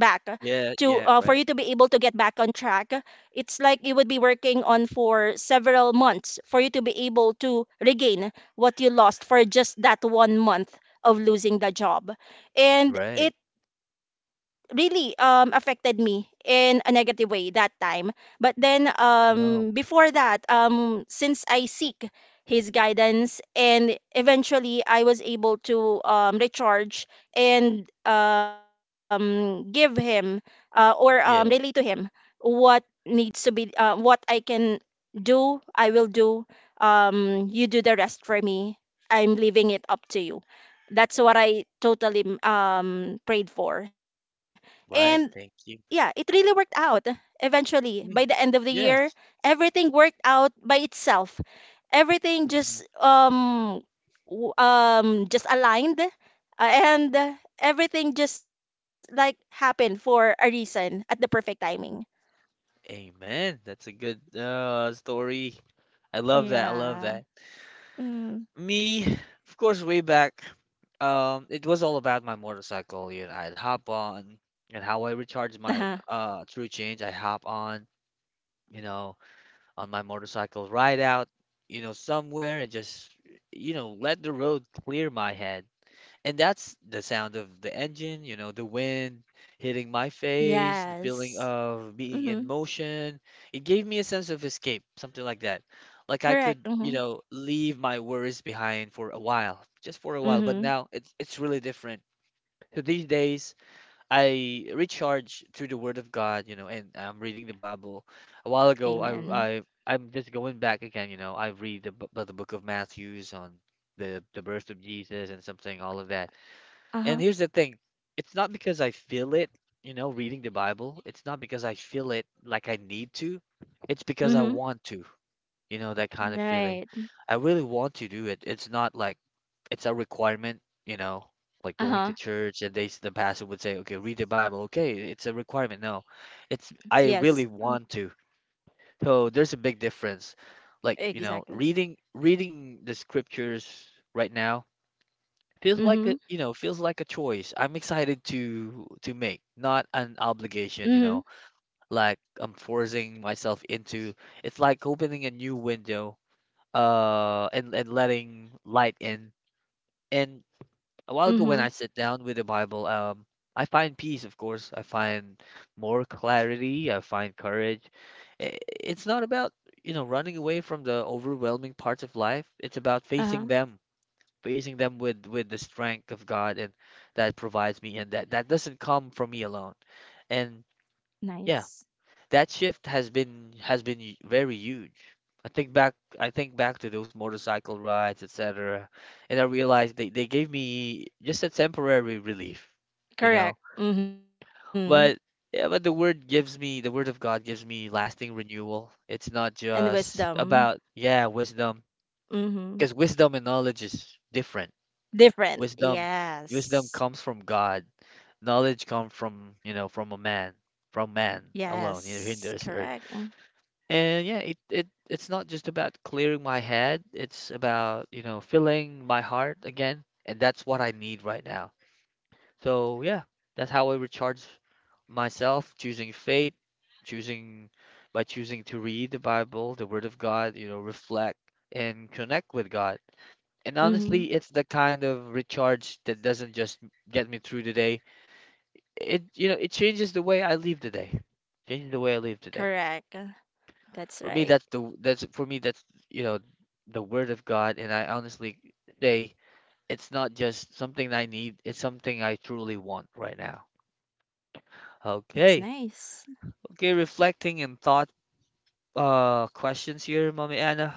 S2: to, for
S1: Yeah.
S2: you to be
S1: Yeah.
S2: able to
S1: Right.
S2: get back on track. It's like you would be working on for several months for you to be able to regain what you lost for just that 1 month of losing the job, and
S1: Right.
S2: it really affected me in a negative way that time. But then,
S1: Oh.
S2: before that, since I seek his guidance, and eventually I was able to recharge and give him or relay to
S1: Yeah.
S2: him what needs to be what I can do I will do. You do the rest for me, I'm leaving it up to you. That's what I totally prayed for. And
S1: Right.
S2: yeah,
S1: Thank
S2: it
S1: you.
S2: really worked out eventually by the end
S1: Mm,
S2: of the year.
S1: yes.
S2: Everything worked out by itself. Everything
S1: Mm,
S2: just
S1: mm.
S2: just aligned, and everything just like happened for a reason at the perfect timing.
S1: Amen. That's a good story. I love that. I love
S2: Yeah.
S1: that.
S2: Mm.
S1: Me, of course, way back, it was all about my motorcycle. You know, I'd hop on and how I
S2: Uh-huh.
S1: recharge my true change. I hop on, you know, on my motorcycle, ride out, you know, somewhere and just, you know, let the road clear my head. And that's the sound of the engine, you know, the wind hitting my face,
S2: Yes,
S1: the feeling of
S2: mm-hmm.
S1: being in motion. It gave me a sense of escape, something like that. Like I
S2: Correct,
S1: could, you
S2: mm-hmm.
S1: know, leave my worries behind for a while, just for a while. But
S2: Mm-hmm.
S1: now it's really different. So these days, I recharge through the Word of God, you know, and I'm reading the Bible. A while ago, I
S2: Amen.
S1: I I'm just going back again, you know. I read the, the book of Matthews on the birth of Jesus and something, all of that, and
S2: Uh-huh.
S1: here's the thing, it's not because I feel it, you know, reading the Bible. It's not because I feel it like I need to. It's because I
S2: Mm-hmm.
S1: want to, you know, that kind of feeling.
S2: Right.
S1: I really want to do it. It's not like it's a requirement, you know, like going to
S2: Uh-huh.
S1: church and the pastor would say, "Okay, read the Bible." Okay, it's a requirement. No. It's,
S2: Yes,
S1: I
S2: uh-huh.
S1: really want to. So there's a big difference. Like, you know,
S2: Exactly,
S1: reading the scriptures right now feels like a,
S2: mm-hmm.
S1: you know, feels like a choice I'm excited to make, not an
S2: Mm-hmm.
S1: obligation, you know, like I'm forcing myself into. It's like opening a new window, and letting light in. And a while ago when
S2: Mm-hmm.
S1: I sit down with the Bible, I find peace, of course. I find more clarity. I find courage. It's not about, you know, running away from the overwhelming parts of life. It's about facing
S2: Uh-huh.
S1: them, praising them with the strength of God, and that provides me, and that that doesn't come from me alone. And
S2: Nice.
S1: yeah, that shift has been very huge. I think back to those motorcycle rides, etc. And I realized they, gave me just a temporary relief, you
S2: Correct,
S1: know.
S2: mm-hmm.
S1: But yeah, but the word gives me, the word of God gives me lasting renewal. It's not
S2: And
S1: just
S2: wisdom.
S1: about, yeah, wisdom,
S2: Mm-hmm.
S1: because wisdom and knowledge is different.
S2: Different.
S1: Wisdom, Wisdom
S2: Yes.
S1: comes from God. Knowledge comes from, you know, from a man, from man alone, you
S2: Yes.
S1: know, here in this
S2: Correct.
S1: earth. And yeah, it it's not just about clearing my head. It's about, you know, filling my heart again, and that's what I need right now. So yeah, that's how I recharge myself, choosing faith, choosing by choosing to read the Bible, the Word of God, you know, reflect and connect with God. And
S2: Mm-hmm.
S1: honestly, it's the kind of recharge that doesn't just get me through the day. It, you know, it changes the way I live the day. Changes the way I live the day.
S2: Correct. That's
S1: For me,
S2: right.
S1: that's, you know, the word of God, and I honestly say it's not just something I need, it's something I truly want right now.
S2: That's
S1: Okay.
S2: nice.
S1: Okay, reflecting and thought questions here, Mommy Anna.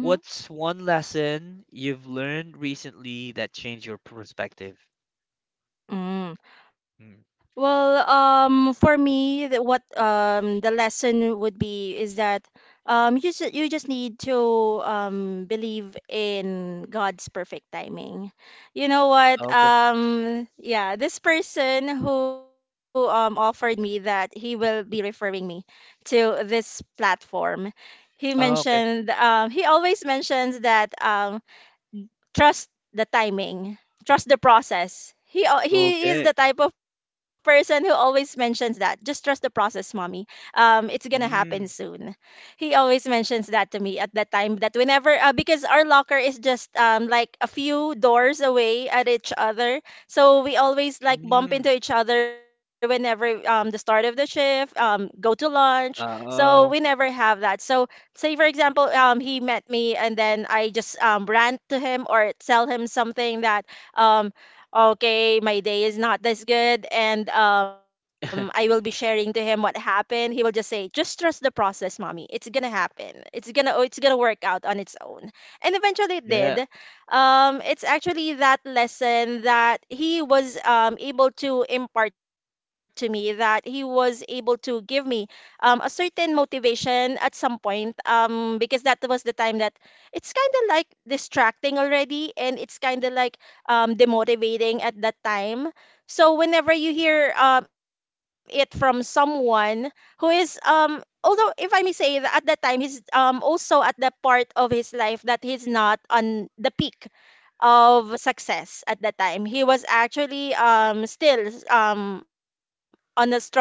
S1: What's
S2: Mm-hmm.
S1: one lesson you've learned recently that changed your perspective? Hmm.
S2: Well, for me, the lesson would be is that you just need to believe in God's perfect timing. You know what?
S1: Okay.
S2: Yeah, this person who offered me that he will be referring me to this platform. He
S1: Oh, okay.
S2: mentioned he always mentions that trust the timing, trust the process. He is
S1: Okay.
S2: the type of person who always mentions that. Just trust the process, mommy. It's gonna happen
S1: Mm,
S2: soon. He always mentions that to me at that time. That whenever, because our locker is just like a few doors away at each other, so we always like bump into
S1: mm.
S2: each other whenever the start of the shift, go to lunch. So we
S1: Oh.
S2: never have that. So say for example he met me, and then I just rant to him or tell him something that um okay, my day is not this good, and I will be sharing to him what happened. He will just say just trust the process, mommy, it's gonna happen, it's gonna, oh, it's gonna work out on its own. And eventually it did.
S1: Yeah.
S2: It's actually that lesson that he was able to impart to me, that he was able to give me a certain motivation at some point, because that was the time that it's kind of like distracting already, and it's kind of like demotivating at that time. So whenever you hear it from someone who is although if I may say that at that time, he's also at the part of his life that he's not on the peak of success at that time. He was actually still on a struggling part.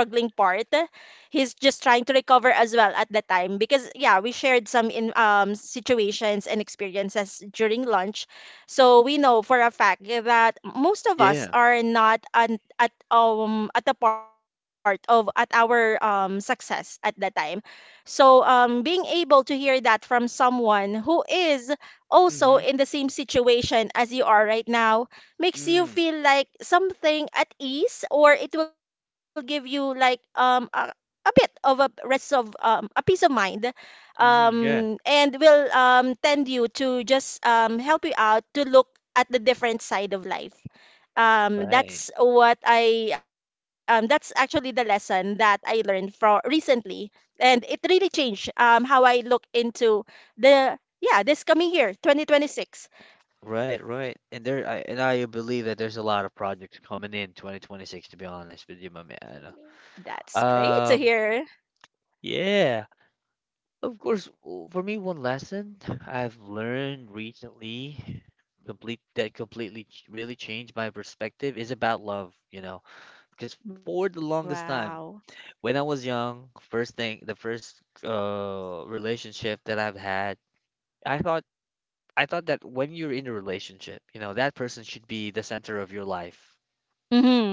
S2: He's just trying to recover as well at that time because, yeah, we shared some in situations and experiences during lunch. So we know for a fact that most of us
S1: Yeah.
S2: are not an, at the part of at our success at that time. So being able to hear that from someone who is also in
S1: Mm-hmm.
S2: the same situation as you are right now makes you
S1: Mm.
S2: feel like something at ease, or it will give you like a bit of a rest of a peace of mind,
S1: Mm-hmm. Yeah.
S2: and will tend you to just help you out to look at the different side of life.
S1: Right,
S2: That's what I that's actually the lesson that I learned for recently, and it really changed how I look into the, yeah, this coming year, 2026.
S1: right, right. And I believe that there's a lot of projects coming in 2026, to be honest with you, my man.
S2: That's great to hear.
S1: Um, yeah, of course, for me, one lesson I've learned recently, complete that completely ch- really changed my perspective is about love, you know, because for the
S2: Wow.
S1: longest time, when I was young, the first relationship that I've had, I thought I thought that when you're in a relationship, you know, that person should be the center of your life.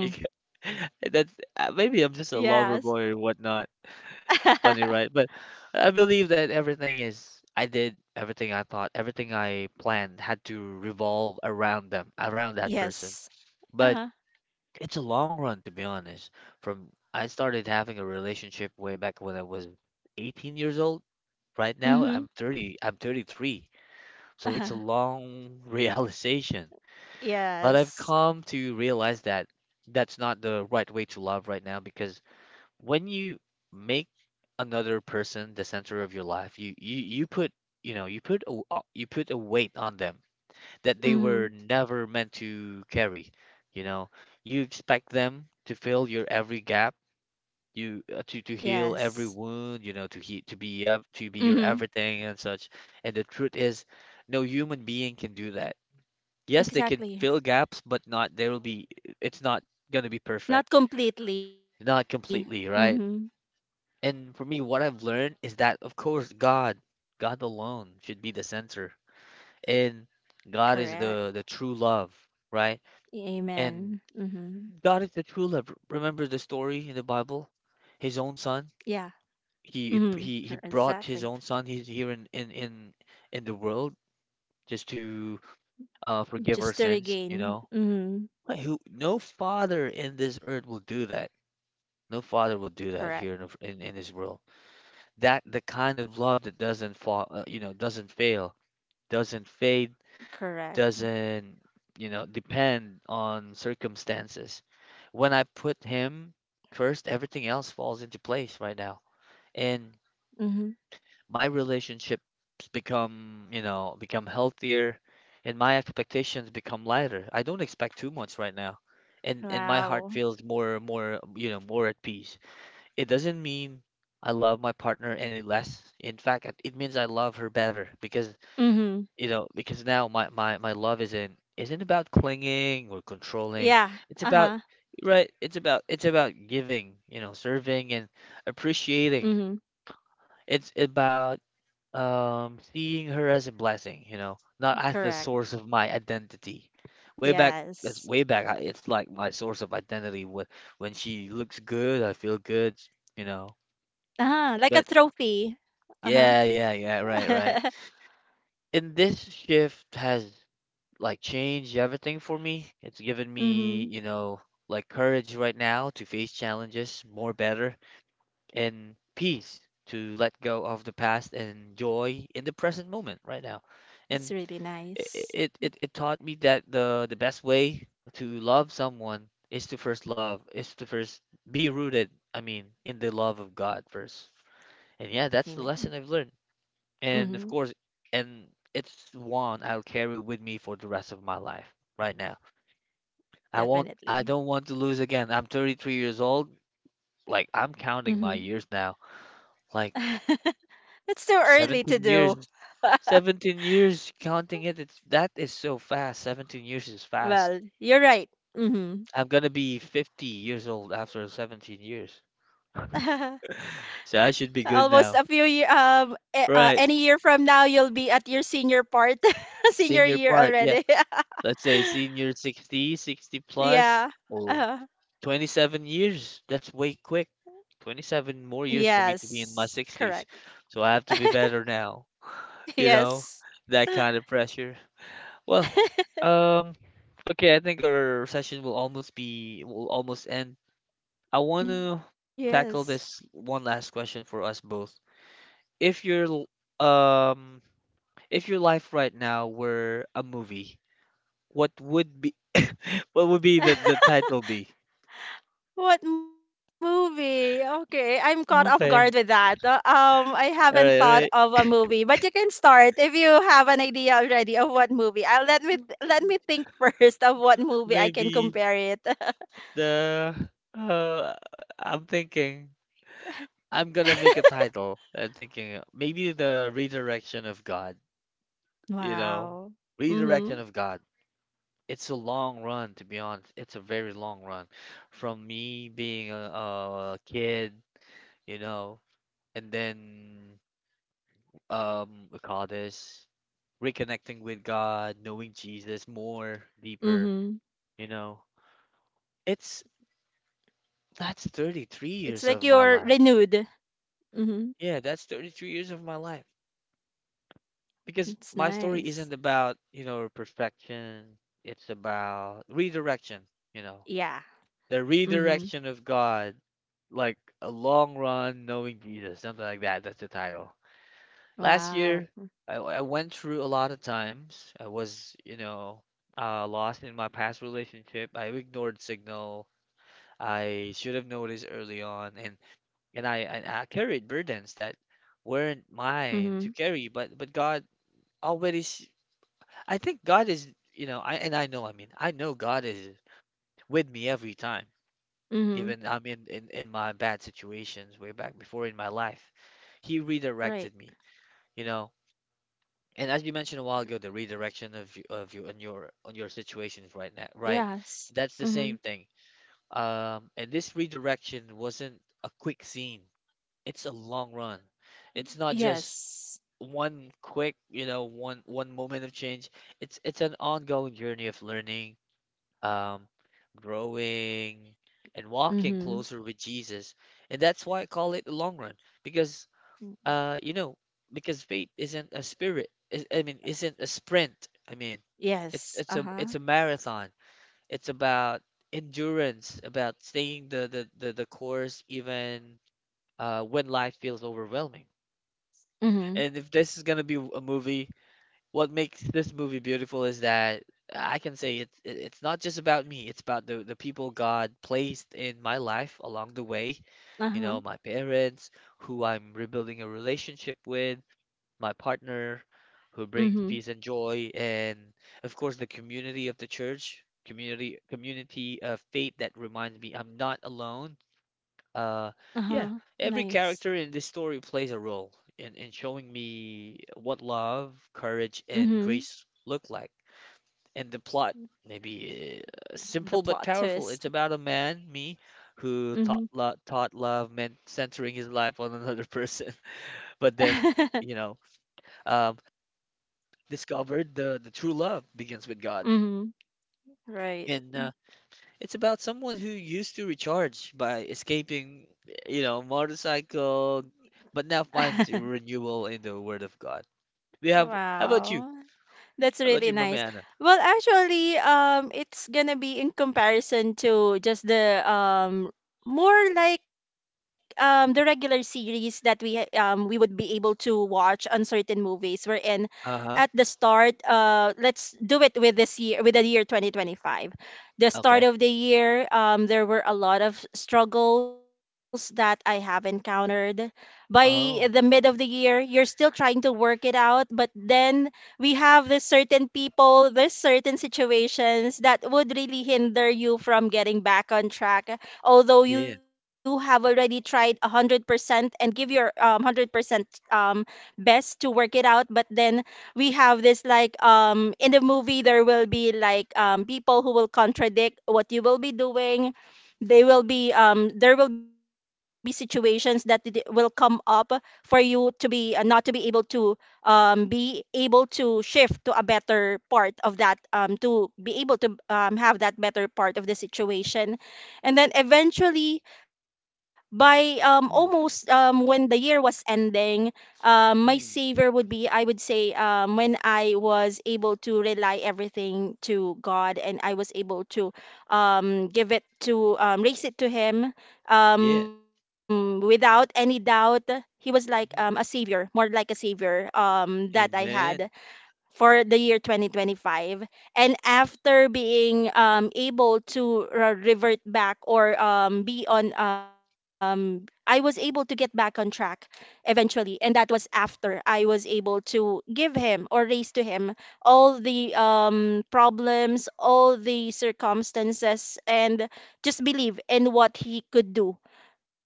S1: You ca- That's maybe I'm
S2: Yes.
S1: just a lover boy or whatnot. Funny, right? But I believe that everything is I did everything I thought, everything I planned had to revolve around them, around that person.
S2: Yes.
S1: But
S2: Uh-huh.
S1: it's a long run, to be honest. From I started having a relationship way back when I was 18 years old. Right now,
S2: Mm-hmm.
S1: I'm 33. So it's
S2: Uh-huh.
S1: a long realization. But I've
S2: Yes.
S1: come to realize that that's not the right way to love right now because when you make another person the center of your life, you put, you know, you put a weight on them that they
S2: Mm-hmm.
S1: were never meant to carry. You know, you expect them to fill your every gap, you to
S2: Yes.
S1: heal every wound, you know, to be to be your
S2: Mm-hmm.
S1: everything and such. And the truth is, no human being can do that. Yes, they can
S2: Exactly.
S1: fill gaps, but not there will be. It's not gonna be
S2: Not
S1: perfect,
S2: completely.
S1: not
S2: Mm-hmm.
S1: completely, right? And for me, what I've learned is that, of course, God alone should be the center, and God is
S2: Correct.
S1: the true love, right? And
S2: Amen. Mm-hmm.
S1: God is the true love. Remember the story in the Bible? His own
S2: Yeah.
S1: son.
S2: Mm-hmm.
S1: He
S2: Cor-
S1: he he brought
S2: Exactly.
S1: his own son he's here in the world just to forgive our
S2: Just to
S1: sins, you
S2: regain.
S1: know?
S2: Mm-hmm.
S1: Like, who no father in this earth will do that. No father
S2: Correct.
S1: will do that here in this world. That the kind of love that doesn't fall, you know, doesn't fail, doesn't fade,
S2: Correct.
S1: doesn't, you know, depend on circumstances. When I put him first, everything else falls into place right now. And
S2: Mm-hmm.
S1: my relationships become, you know, become healthier and my expectations become lighter. I don't expect too much right now. And my heart
S2: Wow.
S1: feels more, you know, more at peace. It doesn't mean I love my partner any less. In fact, it means I love her better because
S2: Mm-hmm.
S1: you know, because now my love isn't about clinging or controlling.
S2: Yeah.
S1: It's about
S2: Uh-huh.
S1: right, it's about giving, you know, serving and appreciating.
S2: Mhm,
S1: It's about seeing her as a blessing, you know, not as the
S2: correct.
S1: source of my identity. Way back that's
S2: Yes.
S1: way back. It's like my source of identity. When she looks good, I feel good, you know.
S2: Uh-huh, like a
S1: But
S2: trophy. Uh-huh.
S1: yeah, right, right. And this shift has like changed everything for me. It's given me,
S2: Mhm.
S1: you know, like courage right now to face challenges more better and peace to let go of the past and joy in the present moment right now.
S2: It's
S1: And
S2: really nice.
S1: it taught me that the best way to love someone is is to first be rooted, I mean, in the love of God first. And yeah, that's the
S2: Amen.
S1: lesson I've learned. And of
S2: Mhm.
S1: course, and it's one I'll carry with me for the rest of my life right now. I
S2: Definitely.
S1: don't want to lose again. I'm 33 years old. Like
S2: Mhm.
S1: I'm counting my years now. Like
S2: It's too early to
S1: 17
S2: do.
S1: years, 17 years counting it. It's that is so fast. 17 years is fast.
S2: Well, you're right. Mhm.
S1: I'm gonna be 50 years old after 17 years. So I should be
S2: Almost a
S1: good
S2: few
S1: now.
S2: any
S1: Right.
S2: year from now, you'll be at your senior part, senior
S1: Senior
S2: year
S1: part. Yeah.
S2: already.
S1: Let's say senior 60, 60 plus.
S2: Yeah.
S1: Oh,
S2: Uh,
S1: 27 years. That's way quick. 27 more years for
S2: yes.
S1: me to be in my
S2: Correct.
S1: 60s. So I have to be better now. You know,
S2: Yes.
S1: that kind of pressure. Well, um, okay, I think our session will almost be will almost end. I want to
S2: Yes.
S1: tackle this one last question for us both. If your l- um, if your life right now were a movie, what would be what would be the title be?
S2: What movie? Okay, I'm caught off guard with
S1: Okay.
S2: that. I haven't thought
S1: All
S2: of
S1: right.
S2: a movie, but you can start if you have an idea already of what movie. I'll let me think first of what movie I can
S1: Maybe
S2: compare it.
S1: the uh, I'm thinking. I'm gonna make a title and thinking maybe the redirection of God, you know,
S2: Wow. Mm-hmm.
S1: redirection of God. It's a long run, to be honest. It's a very long run from me being a kid, you know, and then we call this reconnecting with God, knowing Jesus more deeper,
S2: Mm-hmm.
S1: you know. It's that's
S2: It's like
S1: 33
S2: you're
S1: years of my
S2: renewed.
S1: life.
S2: Mm-hmm.
S1: Yeah, that's 33 years of my life. Because
S2: It's
S1: my story
S2: nice.
S1: isn't about, you know, perfection. It's about redirection, you know,
S2: Yeah.
S1: the
S2: Mm-hmm.
S1: redirection of God, like a long run knowing Jesus, something like that. That's the title. Last
S2: Wow.
S1: year, I went through a lot of times. I was, you know, lost in my past relationship. I ignored signal. I should have noticed early on, and and I carried burdens that weren't
S2: Mm-hmm.
S1: mine to carry, but God already s- I think God is, you know, I mean, I know God is with me every time,
S2: Mm-hmm.
S1: even I'm in in my bad situations way back before in my life. He
S2: Right.
S1: redirected me, you know. And as you mentioned a while ago, the redirection of you and your on your situations right now, right?
S2: Yes.
S1: That's the
S2: Mhm.
S1: same thing. And this redirection wasn't a quick scene. It's a long run.
S2: Mm,
S1: It's not just
S2: yes.
S1: one quick, you know, one moment of change. It's an ongoing journey of learning um, growing, and walking
S2: Mhm.
S1: closer with Jesus. And that's why I call it the long run because,
S2: Mm,
S1: you know, because faith isn't a spirit. Is- I mean, isn't a sprint. I mean, it's
S2: yes,
S1: it's a
S2: uh-huh.
S1: it's a marathon. It's about endurance, about staying the course even when life feels overwhelming.
S2: Mhm.
S1: And if this is gonna be a movie, what makes this movie beautiful is that I can say it's not just about me. It's about the people God placed in my life along the way.
S2: Uh-huh.
S1: You know, my parents, who I'm rebuilding a relationship with, my partner, who brings
S2: Mhm.
S1: peace and joy, and of course the community of the church, community of faith that reminds me I'm not alone.
S2: Uh-huh.
S1: Uh, yeah,
S2: Nice.
S1: every character in this story plays a role in showing me what love, courage, and
S2: Mhm.
S1: grace look like. And the plot, maybe
S2: The
S1: simple but
S2: plot
S1: powerful.
S2: twist.
S1: It's about a man, me, who
S2: Mhm.
S1: thought love meant centering his life on another person, but then,
S2: Mhm.
S1: you know, um, discovered the true love begins with God.
S2: Right.
S1: And It's about someone who used to recharge by escaping, you know, motorcycle, but now finds renewal in the Word of God. We have. How about you?
S2: Wow. That's
S1: How about
S2: really
S1: you, Mama
S2: nice.
S1: Anna?
S2: Well, actually, it's gonna be in comparison to just the more like the regular series that we we would be able to watch on certain movies. We're in
S1: Uh
S2: at
S1: huh.
S2: the start. Let's do it with this year, with the year 2025. The start
S1: Okay.
S2: of the year, there were a lot of struggles that I have encountered by the mid of
S1: Oh,
S2: the year. You're still trying to work it out, but then we have this certain people, there's certain situations that would really hinder you from getting back on track. Although you
S1: yeah.
S2: have already tried 100% and give your 100% um, best to work it out, but then we have this like in the movie, there will be like people who will contradict what you will be doing. They will be there will be situations that it will come up for you to be not to be able to be able to shift to a better part of that, to be able to have that better part of the situation. And then eventually, by almost
S1: Mm,
S2: when the year was ending, my
S1: mm,
S2: savior would be, I would say, when I was able to rely everything to God, and I was able to give it to, raise it to him
S1: yeah.
S2: without any doubt. He was like a
S1: Mhm.
S2: savior, more like a savior that I had
S1: Amen.
S2: for the year 2025. And after being able to revert back, or be on I was able to get back on track eventually, and that was after I was able to give him or raise to him all the problems, all the circumstances, and just believe in what he could do,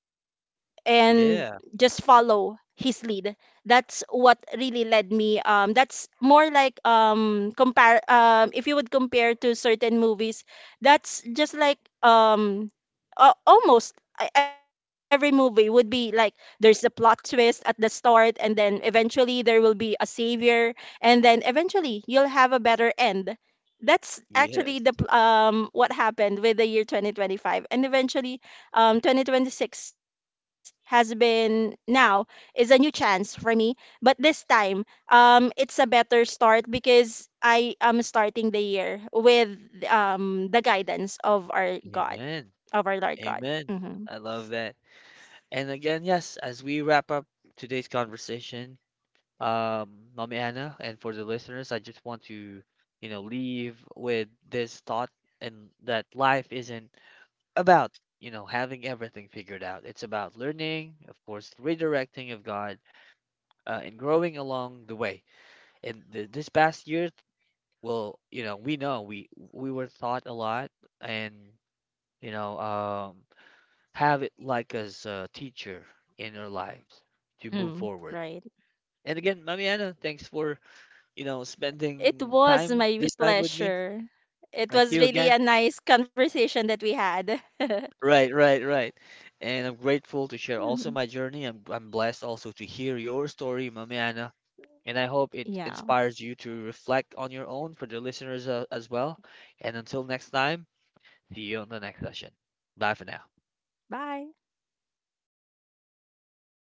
S2: and just
S1: Yeah.
S2: follow his lead. That's what really led me. That's more like compare if you would compare to certain movies, that's just like almost every movie would be like there's a plot twist at the start, and then eventually there will be a savior, and then eventually you'll have a better end. That's actually
S1: Yes.
S2: what happened with the year 2025, and eventually 2026 has been now is a new chance for me. But this time, it's a better start because I am starting the year with the guidance of our God,
S1: Amen.
S2: of our Lord God.
S1: Amen.
S2: Hmm.
S1: I love that. And again, yes, as we wrap up today's conversation, um, Mommy Anna, and for the listeners, I just want to, you know, leave with this thought and that life isn't about, you know, having everything figured out. It's about learning, of course, redirecting of God, and growing along the way. And th this past year, well, you know, we we were taught a lot, and you know, have it like as a teacher in our lives
S2: Hmm.
S1: to move
S2: Right.
S1: forward. And again, Mommy Anna, thanks for you know,
S2: It
S1: spending
S2: was
S1: time
S2: my
S1: this time with me.
S2: pleasure. It
S1: Thank
S2: was
S1: you
S2: really
S1: again.
S2: a nice conversation that we had.
S1: Right. And I'm
S2: Mhm.
S1: grateful to share also my journey. I'm blessed also to hear your story, Mami Anna. And I
S2: Yeah.
S1: hope it inspires you to reflect on your own for the listeners as well. And until next time, see you on the next session. Bye for now.
S2: Bye.